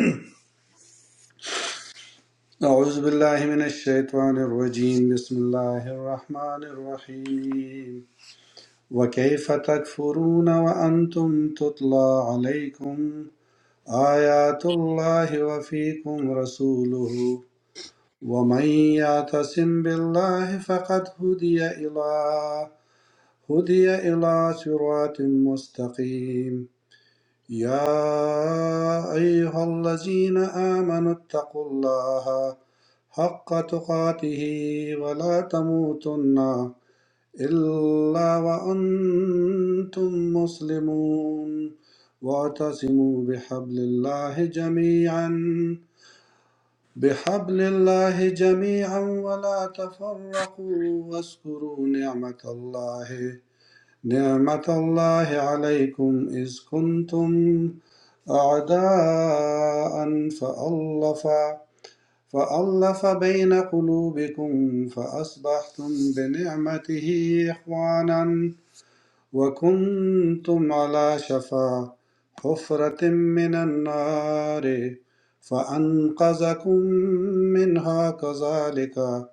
S3: हूँ अऊज बिल्लाह मिन الشيطان الرجيم بسم الله الرحمन الرحيم وكيف تكفرون وأنتم تتلى عليكم آيات الله وفيكم رسوله ومن يعتصم بالله فقد هدي إلى هدي إلى صراط مستقيم يا أيها الذين آمنوا اتقوا الله حق تقاته ولا تموتن إلا وأنتم مسلمون واعتصموا بحبل الله جميعا بحبل الله جميعا ولا تفرقوا واذكروا نعمة الله نعمة الله عليكم إذ كنتم أعداء فألف فألف بين قلوبكم فأصبحتم بنعمته إخوانا وكنتم على شفا حفرة من النار فأنقذكم منها كذلك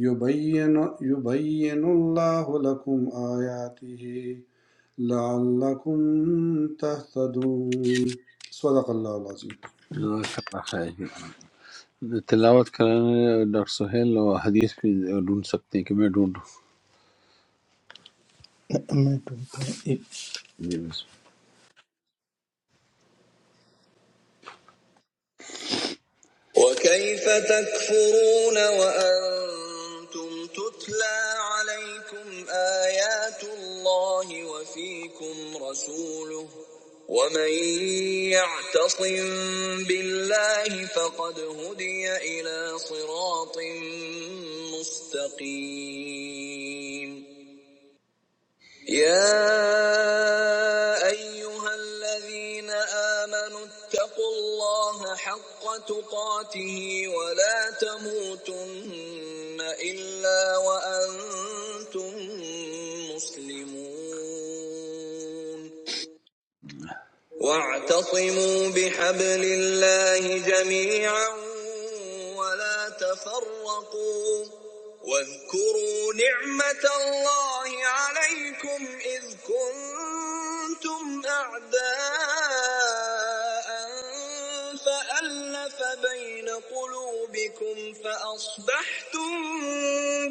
S3: يبين يبين الله لكم آياته لعلكم تهتدون صدق الله العظيم
S1: اللہ الرحمن الرحیم۔ تلاوت کرانے ڈاکٹر سہیل اور حدیث بھی ڈھونڈ سکتے ہیں کہ میں ڈھونڈوں
S7: میں ڈھونڈتا ہوں ایک
S1: جی بسم
S7: وكيف تكفرون وأنتم تتلى عليكم آيات الله وفيكم رسوله ومن يعتصم بالله فقد هدي إلى صراط مستقيم يا أيها الذين آمنوا اتقوا الله حق تقاته ولا تموتن إلا وأنتم مسلمون واعتصموا بحبل الله جميعا ولا تفرقوا واذكروا نعمة الله عليكم إذ كنتم أعداء فألف بين قلوبكم فأصبحتم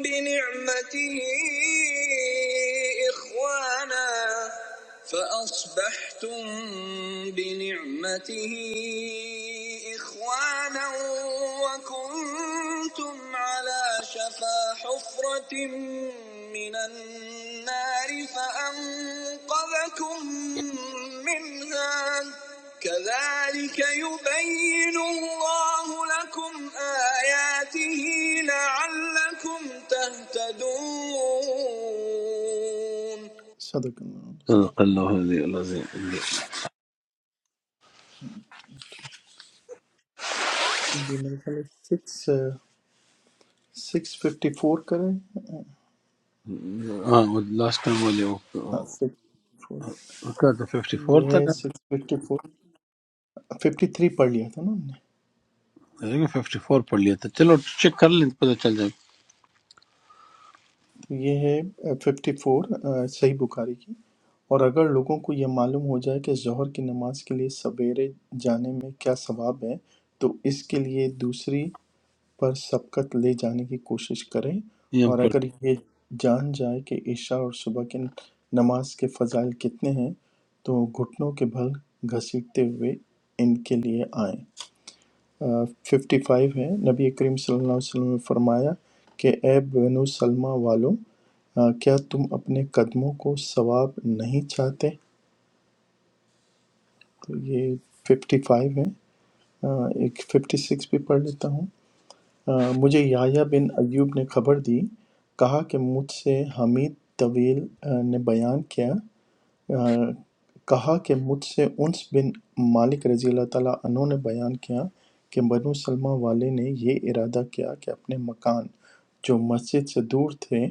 S7: بنعمته إخوانا فأصبحتم بنعمته إخوانا وكنتم كنتم على شفا حفرة من النار فأنقذكم منها كذلك يبين الله لكم آياته لعلكم تهتدون صدق الله
S1: اللہ صدق اللہ علیہ وسلم۔
S7: ये मेरे ख्याल है सिक्स सिक्स फिफ्टी फोर करें
S1: ہاں وہ لاسٹ ٹائم والے
S7: हाँ सिक्स फोर
S1: اس کا تو
S7: तो
S1: ففٹی فور
S7: ये
S1: تھا
S7: है six fifty four fifty three پڑھ لیا تھا نا ہم نے
S1: نا ففٹی فور پڑھ لیا تھا چلو چیک کر لیں پتہ چل جائے
S7: تو یہ ہے ففٹی فور صحیح بخاری کی اور اگر لوگوں کو یہ معلوم ہو جائے کہ ظہر کی نماز کے لیے سویرے جانے میں کیا ثواب ہے تو اس کے لیے دوسری پر سبقت لے جانے کی کوشش کریں
S1: یہ ہم
S7: اور
S1: پڑھ
S7: اگر یہ جان جائے کہ عشاء اور صبح کی نماز کے فضائل کتنے ہیں تو گھٹنوں کے بھل گھسیٹتے ہوئے ان کے لیے آئیں ففٹی فائیو ہے نبی کریم صلی اللہ علیہ وسلم نے فرمایا کہ اے بنو سلمہ والوں آ، کیا تم اپنے قدموں کو ثواب نہیں چاہتے تو یہ ففٹی فائیو ہے آ، ایک ففٹی سکس بھی پڑھ لیتا ہوں آ، مجھے یحییٰ بن ایوب نے خبر دی کہا کہ مجھ سے حمید طویل آ، نے بیان کیا آ، کہا کہ مجھ سے انس بن مالک رضی اللہ تعالیٰ عنہ نے بیان کیا کہ بنو سلمہ والے نے یہ ارادہ کیا کہ اپنے مکان جو مسجد سے دور تھے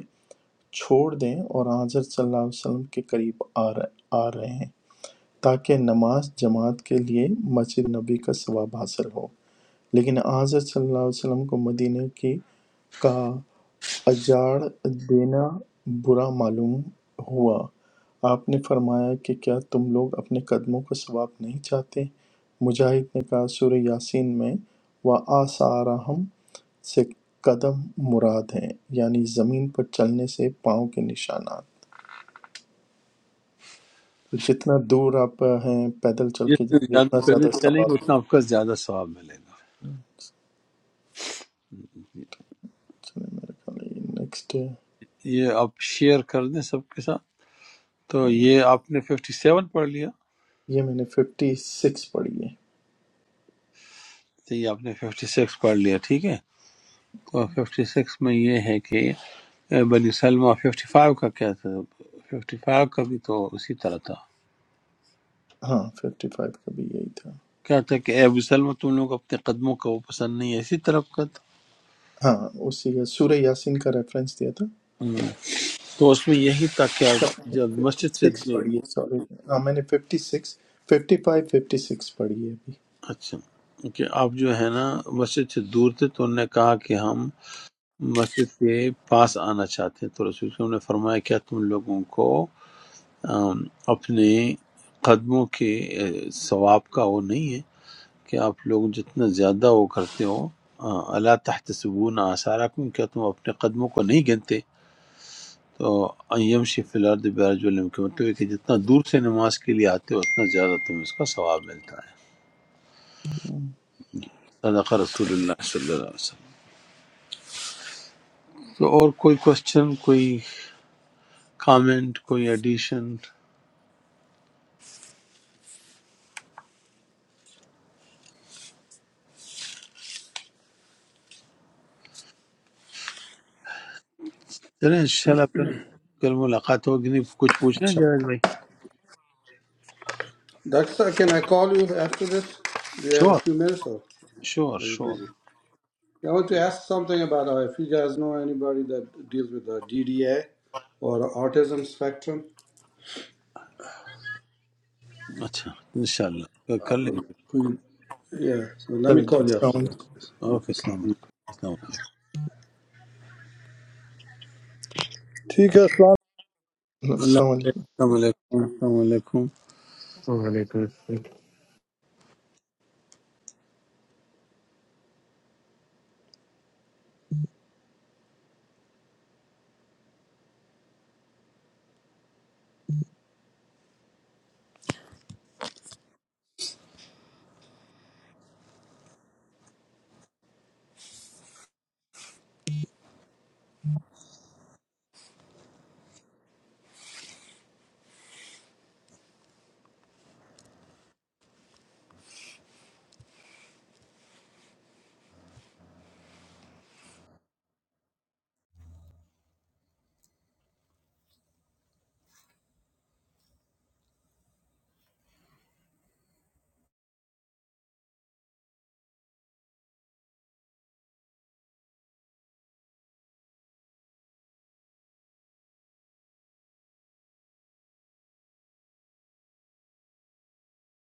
S7: چھوڑ دیں اور آن حضرت صلی اللہ علیہ وسلم کے قریب آ رہے آ رہے ہیں تاکہ نماز جماعت کے لیے مسجد نبی کا ثواب حاصل ہو لیکن آن حضرت صلی اللہ علیہ وسلم کو مدینہ کی کا اجاڑ دینا برا معلوم ہوا آپ نے فرمایا کہ کیا تم لوگ اپنے قدموں کا ثواب نہیں چاہتے مجاہد نے کہا سورہ یاسین میں وآثارہم سے قدم مراد ہیں یعنی زمین پر چلنے سے پاؤں کے نشانات تو جتنا دور آپ ہیں پیدل چل کے جائیں
S1: جتنے زیادہ
S7: جتنا
S1: پیدل
S7: زیادہ
S1: چلیں
S7: ثواب
S1: گے
S7: ہے۔
S1: اتنا آپ کا زیادہ ثواب ملے گا
S7: چلیں میرے خیال ہے یہ نیکسٹ ہے
S1: یہ آپ شیئر کر دیں سب کے ساتھ تو یہ آپ نے ففٹی سیون پڑھ لیا
S7: یہ میں نے ففٹی سکس پڑھی ہے
S1: تو یہ آپ نے ففٹی سکس پڑھ لیا ٹھیک ہے تو ففٹی سکس میں یہ ہے کہ اے بنی سلمہ ففٹی فائیو کا کیا تھا ففٹی فائیو کا بھی تو اسی طرح تھا
S7: ہاں ففٹی فائیو کا بھی یہی تھا
S1: کیا تھا کہ اے ابو سلمہ تم لوگ اپنے قدموں کا وہ پسند نہیں ہے اسی طرف کا
S7: ہاں اسی کا سورہ یاسین کا ریفرنس دیا تھا
S1: تھا تو اس میں یہی تھا کہ آپ جب
S7: ففٹی
S1: مسجد سے
S7: سکس
S1: دور
S7: پڑھی ہے سوری ہاں میں نے fifty six fifty five fifty six پڑھی ہے ابھی
S1: اچھا کہ آپ جو ہے نا مسجد سے دور تھے تو انہوں نے کہا کہ ہم مسجد کے پاس آنا چاہتے ہیں تو رسول صلی اللہ علیہ وسلم نے فرمایا کیا تم لوگوں کو آم، اپنے قدموں کے اے، ثواب کا وہ نہیں ہے کہ آپ لوگ جتنا زیادہ وہ کرتے ہو آ، اللہ تحت سبون آثارکم کیا تم اپنے قدموں کو نہیں گنتے تو ایم شی فی الارض برجلم کے مطلب ہے کہ جتنا دور سے نماز کے لیے آتے ہو اتنا زیادہ تمہیں اس کا ثواب ملتا ہے صدق رسول اللہ صلی اللہ علیہ وسلم تو اور کوئی کوشچن کوئی کامنٹ کوئی ایڈیشن چلیں انشاءاللہ پھر کل ملاقات ہوگی نہیں کچھ پوچھنا ہے
S7: اچھا
S1: جاوید بھائی
S3: Daksa, can I call you after this? Do you have a
S1: شور
S3: few minutes or
S1: شور
S3: are you
S1: شور
S3: busy? I want to ask something about uh, if you guys know anybody that deals with the DDA or autism spectrum.
S1: اچھا انشاءاللہ کر-
S3: Uh,
S1: کر لیں
S3: let
S1: گے
S3: me- yeah, so let me
S7: چلو جی
S3: call you
S7: السلام
S3: after this.
S7: علیکم
S3: Okay,
S1: اوکے
S3: Assalamu alaikum.
S1: السلام علیکم
S5: ٹھیک ہے السلام
S1: اللہ
S7: السلام
S1: حافظ۔
S7: علیکم
S1: السلام علیکم السلام علیکم
S6: wabarakatuh.